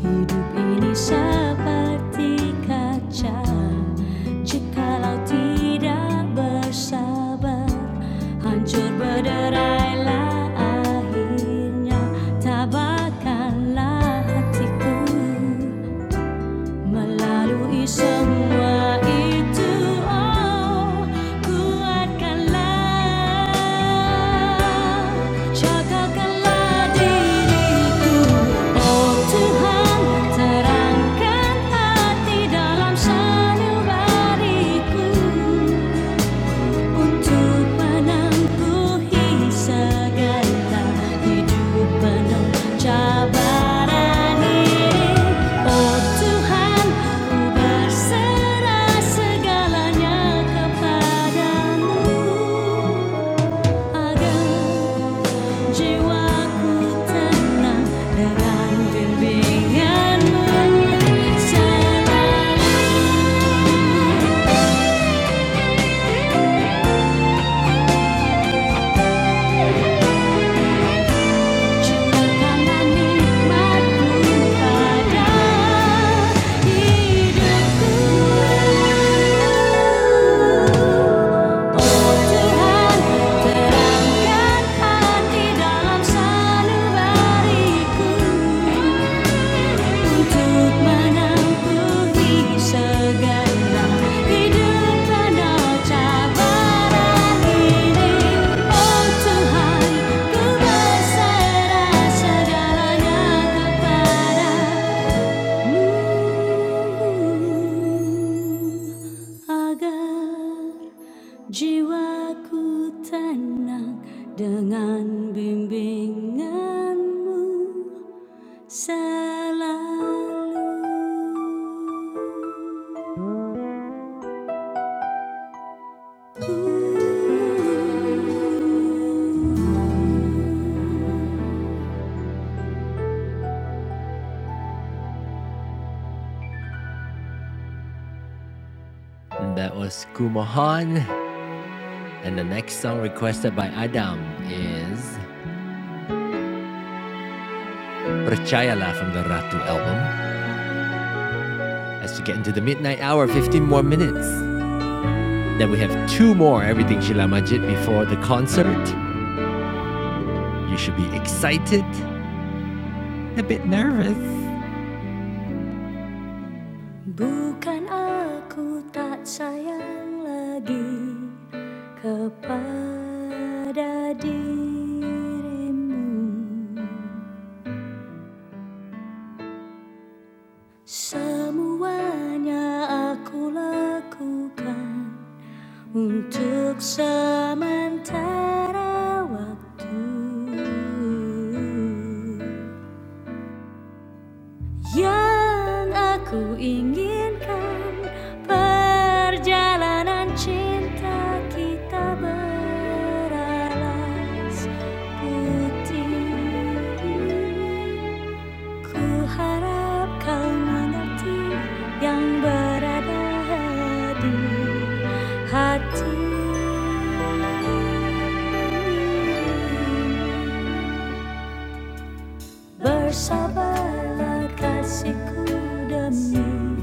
A: hidup ini seperti kaca Jikalau tidak bersabar Hancur berderailah akhirnya Tabakanlah hatiku Melalui semua itu, oh, kuatkanlah, jagakanlah diriku, oh Tuhan, terangkan hati dalam sanubariku. Untuk menempuhi segala hidupan cabaran ini, Oh Tuhan, ku berserah segalanya kepadamu agar Jiwaku tenang dengan bimbinganmu selalu. Cula karena nikmatmu pada hidupku Oh Tuhan terangkan hati dalam sanubariku Untuk menangkuti segala hidup penuh cabaran ini, Oh Tuhan, ku berserah segalanya kepadamu. agar jiwaku tenang dengan bimbinganmu Selalu. that was Kumohon, And the next song requested by Adam is Percayalah from the Ratu album. As we get into the midnight hour, 15 more minutes. Then we have two more Everything Sheila Majid before the concert. You should be excited, a bit nervous. Bukan aku tak sayang lagi kepada dirimu Semuanya aku lakukan untuk sementara waktu. Yang aku inginkan Perjalanan cinta kita beralas putih Ku harap kau mengerti Yang berada di hati Bersabarlah kasihku demi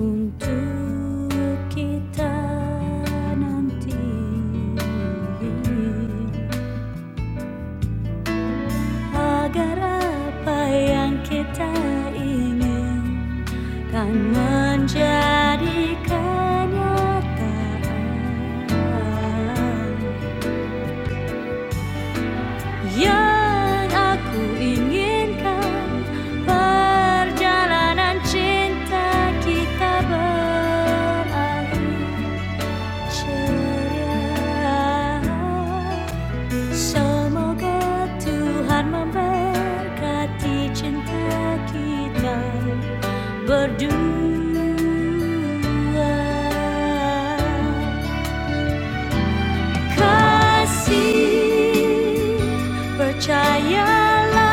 A: untuk kita nanti agar apa yang kita ingin kan menjadi kenyataan. Yang aku inginkan Perjalanan cinta kita berlalu ceria Semoga Tuhan memberkati cinta kita berdua kasih percayalah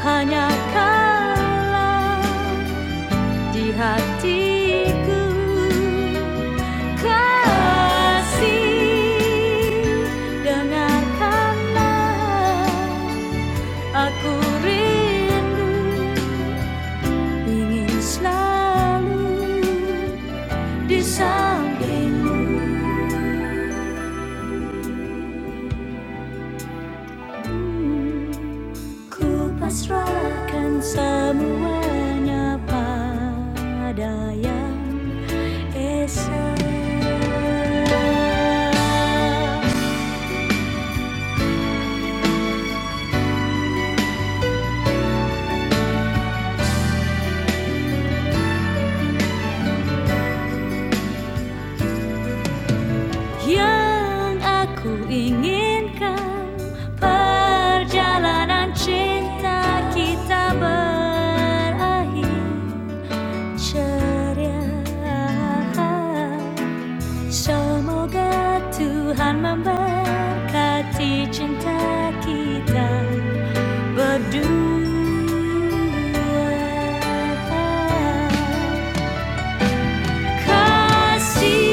A: hanya kalah di hatiku kasih dengarkanlah aku rindu ingin selalu di sampingmu Ku pasrahkan semuanya pada yang esa Yang aku inginkan perjalanan cinta kita berakhir ceria Semoga Tuhan memberkati cinta kita berdua kasih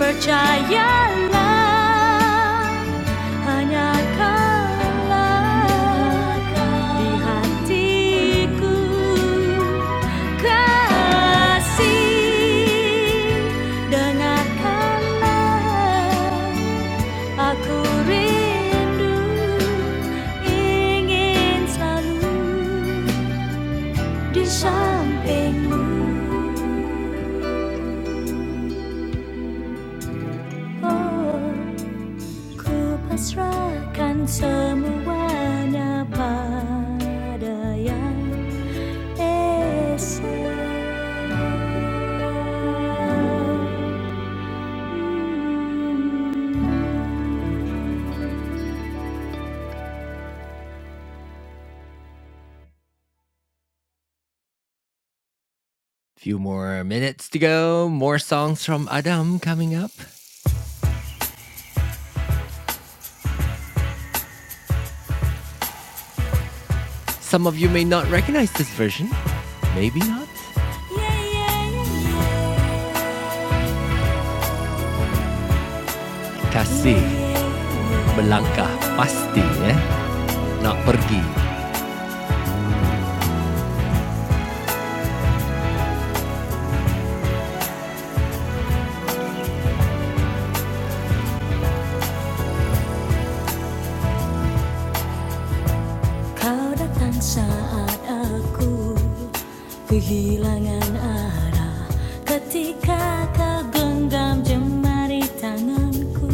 A: percayalah hanya kalahkan di hatiku kasih dengarkanlah aku rindu ingin selalu di sampingmu oh Kupasrahkan semuanya pada yang esa. Few more minutes to go. More songs from Adam coming up. Some of you may not recognize this version. Maybe not. Kasih melangkah pasti, eh? Nak pergi. Kau datang saat aku kehilangan arah Ketika kau genggam jemari tanganku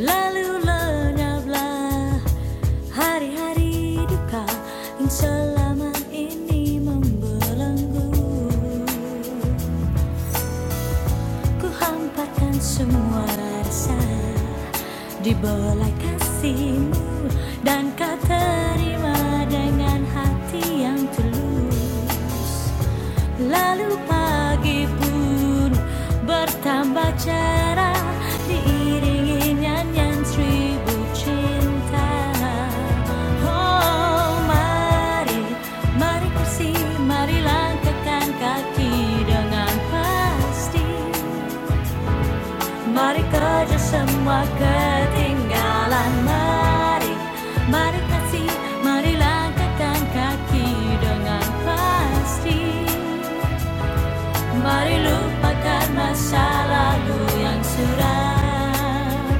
A: Lalu lenyaplah hari-hari duka Yang selama ini membelenggu Ku hamparkan semua rasa Di bola kasihmu Dan kau terima dengan hati yang tulus Lalu pagi pun bertambah cerah Diiringi nyanyian seribu cinta Oh mari, mari bersih, mari langkahkan kaki dengan pasti Mari kerja semua ketinggalan Mari, mari kasih, mari langkahkan kaki dengan pasti Mari lupakan masa lalu yang suram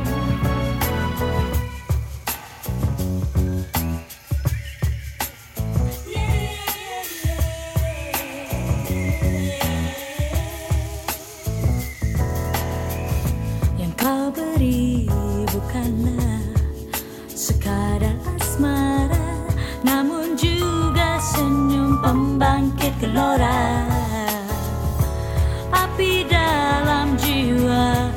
A: Yang kau beri bukanlah Sekadar asmara Namun juga senyum pembangkit gelora Api dalam jiwa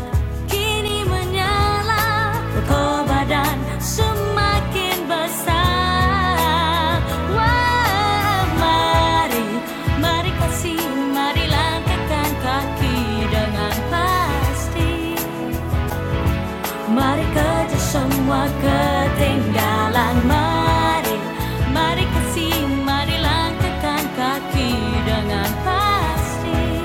A: Kini menyala Berkobar dan semakin besar Wah, mari Mari kasih Mari langkahkan kaki dengan pasti Mari kerja semua ketinggalan Mari, mari kasih, mari langkahkan kaki dengan pasti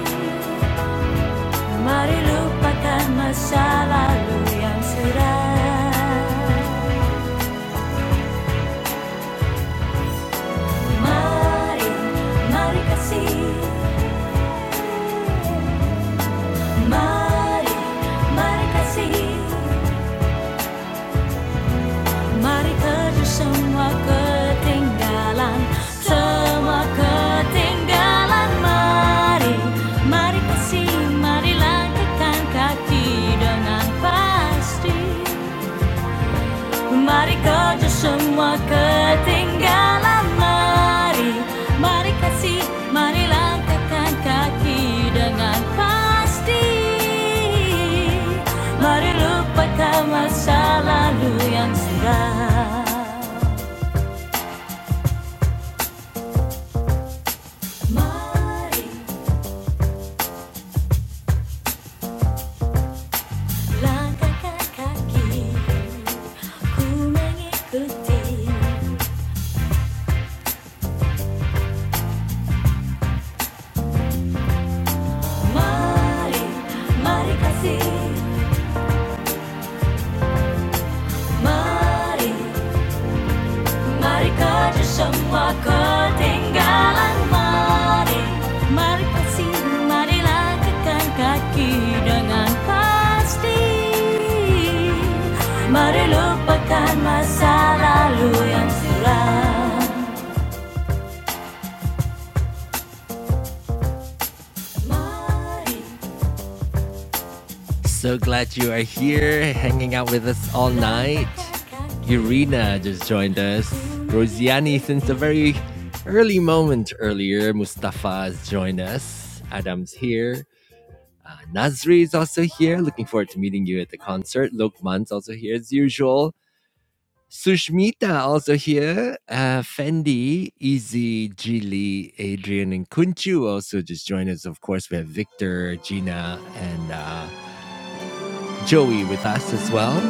A: Mari lupakan masa lalu yang suram Mari, mari kasih Mari, mari kasih Mari Marikah semua ketinggalan, semua ketinggalan. Mari, mari kasih, mari langkahkan kaki dengan pasti. Mari Marikah semua ketinggalan. Mari, mari kasih, mari langkahkan kaki dengan pasti. Mari lupakan masa lalu yang sudah Mari langkahkan kaki ku mengikuti. Mari, mari kasih, mari, mari kerja semua ketinggalan. Mari, mari kasih, mari langkahkan kaki dengan pasti. Mari lupakan masa lalu yang silam. Mari So glad you are here hanging out with us all night. Irina just joined us. Rosiani since a very early moment earlier. Mustafa has joined us. Adam's here. Uh, Nazri is also here. Looking forward to meeting you at the concert. Lokman's also here as usual. Sushmita also here. Uh, Fendi, Easy, Jili, Adrian, and Kunchu also just joined us. Of course, we have Victor, Gina, and uh, Joey with us as well.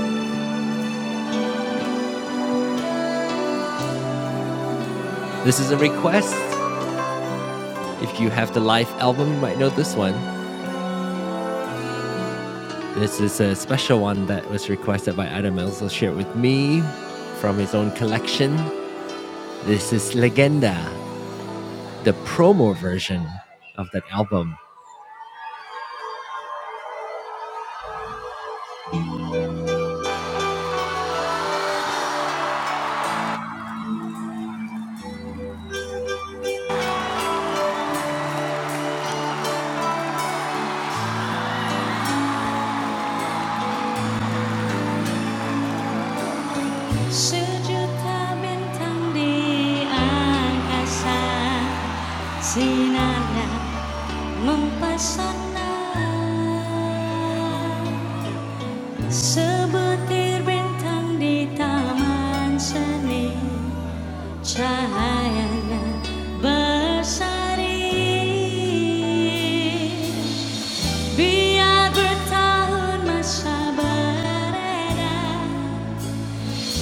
A: This is a request. If you have the live album, you might know this one. This is a special one that was requested by Adam also shared with me from his own collection. This is Legenda, the promo version of that album. Sejuta bintang di angkasa Sinarnya mempesona Sebutir bintang di taman seni Cahayanya bersari Biar bertahun masa beredar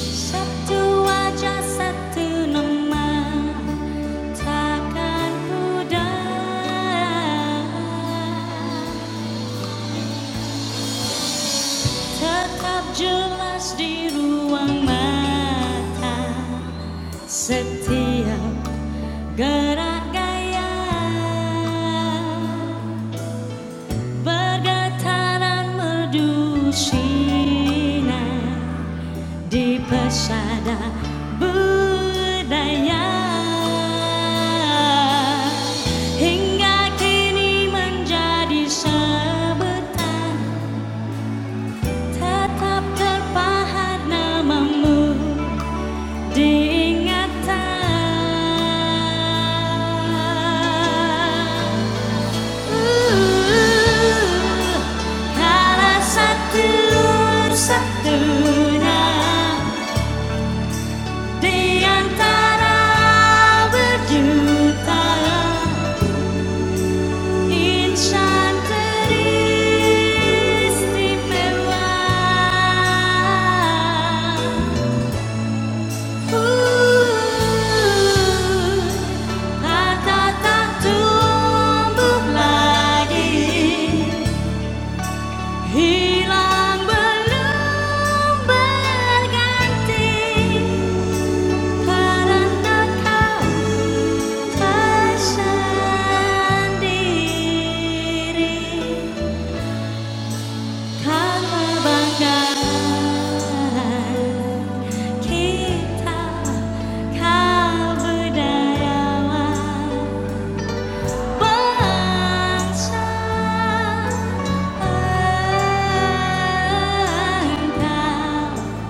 A: Satu wajah satu nama Takkan pudar Tetap jelas di ruang mata Setiap gerak gaya Bergetaran merdu sinar di pesada budaya hingga kini menjadi sebutan tetap terpahat namamu Diingatan Uh, kala satu satunya di antara berjuta insan teristimewa. kata tumbuh lagi hilang belum berganti karena kau tersendiri karena banggaan kita kau berdayawan Bangsa engkau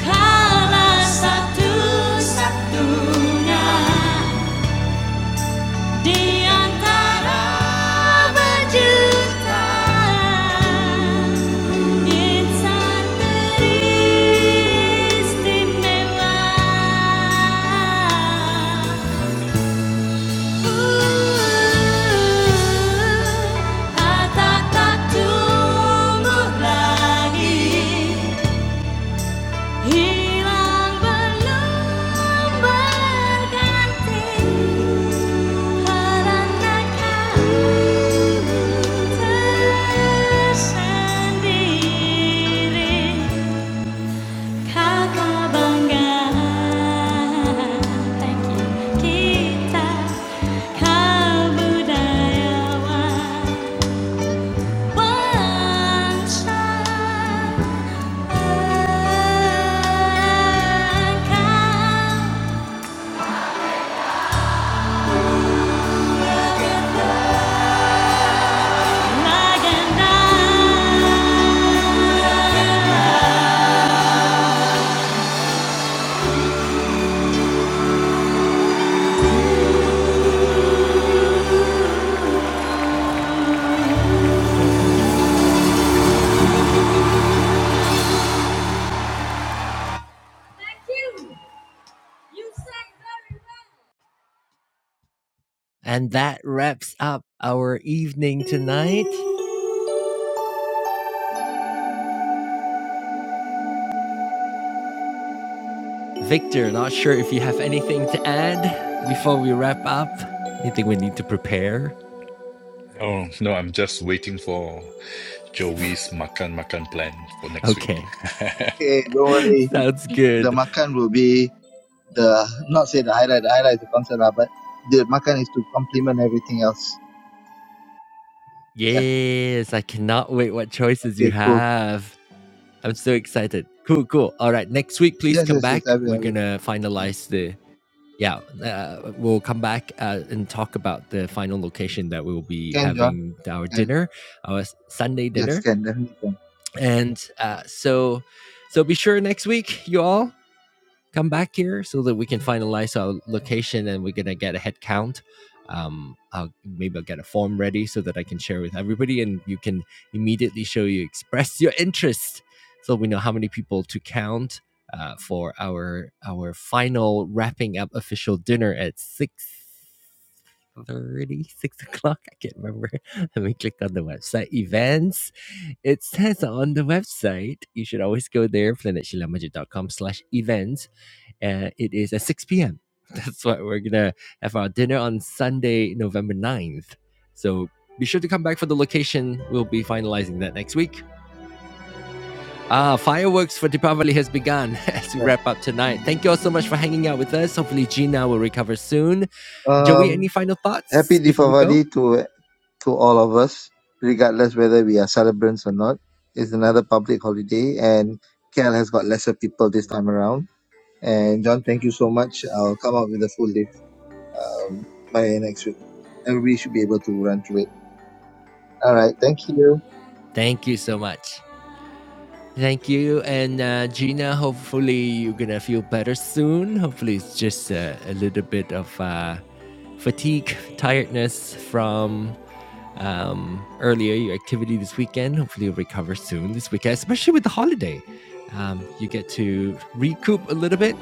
A: Kala satu-satunya di antara berjuta insan teristimewa. Tersendiri And that wraps up our evening tonight. Victor, not sure if you have anything to add before we wrap up. Anything we need to prepare?
C: Oh no! I'm just waiting for. Joey's makan makan plan for next week.
A: Okay,
B: Okay, don't worry.
A: sounds
B: The
A: good.
B: makan will be the, not say the highlight, the highlight is the concert, lah, but the makan is to complement everything else. Yeah.
A: Yes, I cannot wait what choices you
B: Okay, cool.
A: have. I'm so excited. Cool, cool. All right, next week, please
B: Yes,
A: come
B: yes, yes,
A: back.
B: I will,
A: We're
B: I
A: going
B: will.
A: to
B: Yeah.
A: finalize the. Yeah, uh, we'll come back uh, and talk about the final location that we'll be
B: Can, John?
A: having our
B: Can.
A: dinner, our Sunday
B: Yes,
A: dinner.
B: can, definitely can.
A: And uh, so, so be sure next week, you all, come back here so that we can finalize our location and we're gonna get a head count. Um, I'll maybe I'll get a form ready so that I can share with everybody, and you can immediately show you express your interest, so we know how many people to count uh, for our our final wrapping up official dinner at six thirty, six o'clock. I can't remember. Let me click on the website events. It says on the website, you should always go there, planetshilamajit.com slash events and it is at 6 p.m. That's what we're gonna have our dinner on Sunday, November ninth. So be sure to come back for the location. We'll be finalizing that next week. Ah, fireworks for Deepavali has begun as we
B: Right.
A: wrap up tonight. Thank you all so much for hanging out with us. Hopefully, Gina will recover soon. Joey, any
B: Um,
A: final
B: happy
A: thoughts before we go?
B: Diwali to to all of us, regardless whether we are celebrants or not. It's another public holiday, and KL has got lesser people this time around. And John, thank you so much. I'll come up with a full list um, by next week. Everybody should be able to run through it. All right, thank you.
A: Thank you so much. Thank you. And uh, Gina, hopefully, you're going to feel better soon. Hopefully, it's just uh, a little bit of uh, fatigue, tiredness from um, earlier your activity this weekend. Hopefully, you'll recover soon this weekend, especially with the holiday. Um, you get to recoup a little bit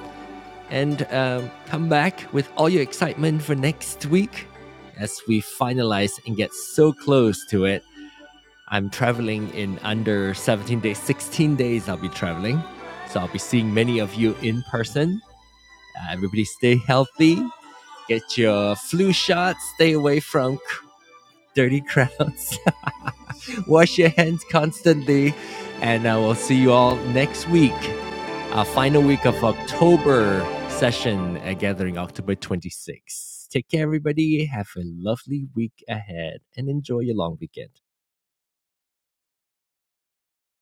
A: and um, come back with all your excitement for next week as we finalize and get so close to it. I'm traveling in under 17 days, 16 days I'll be traveling. So I'll be seeing many of you in person. Uh, everybody stay healthy, get your flu shot, stay away from dirty crowds. Wash your hands constantly, and I will see you all next week. Our final week of October session at Gathering, October 26th. Take care, everybody. Have a lovely week ahead and enjoy your long weekend.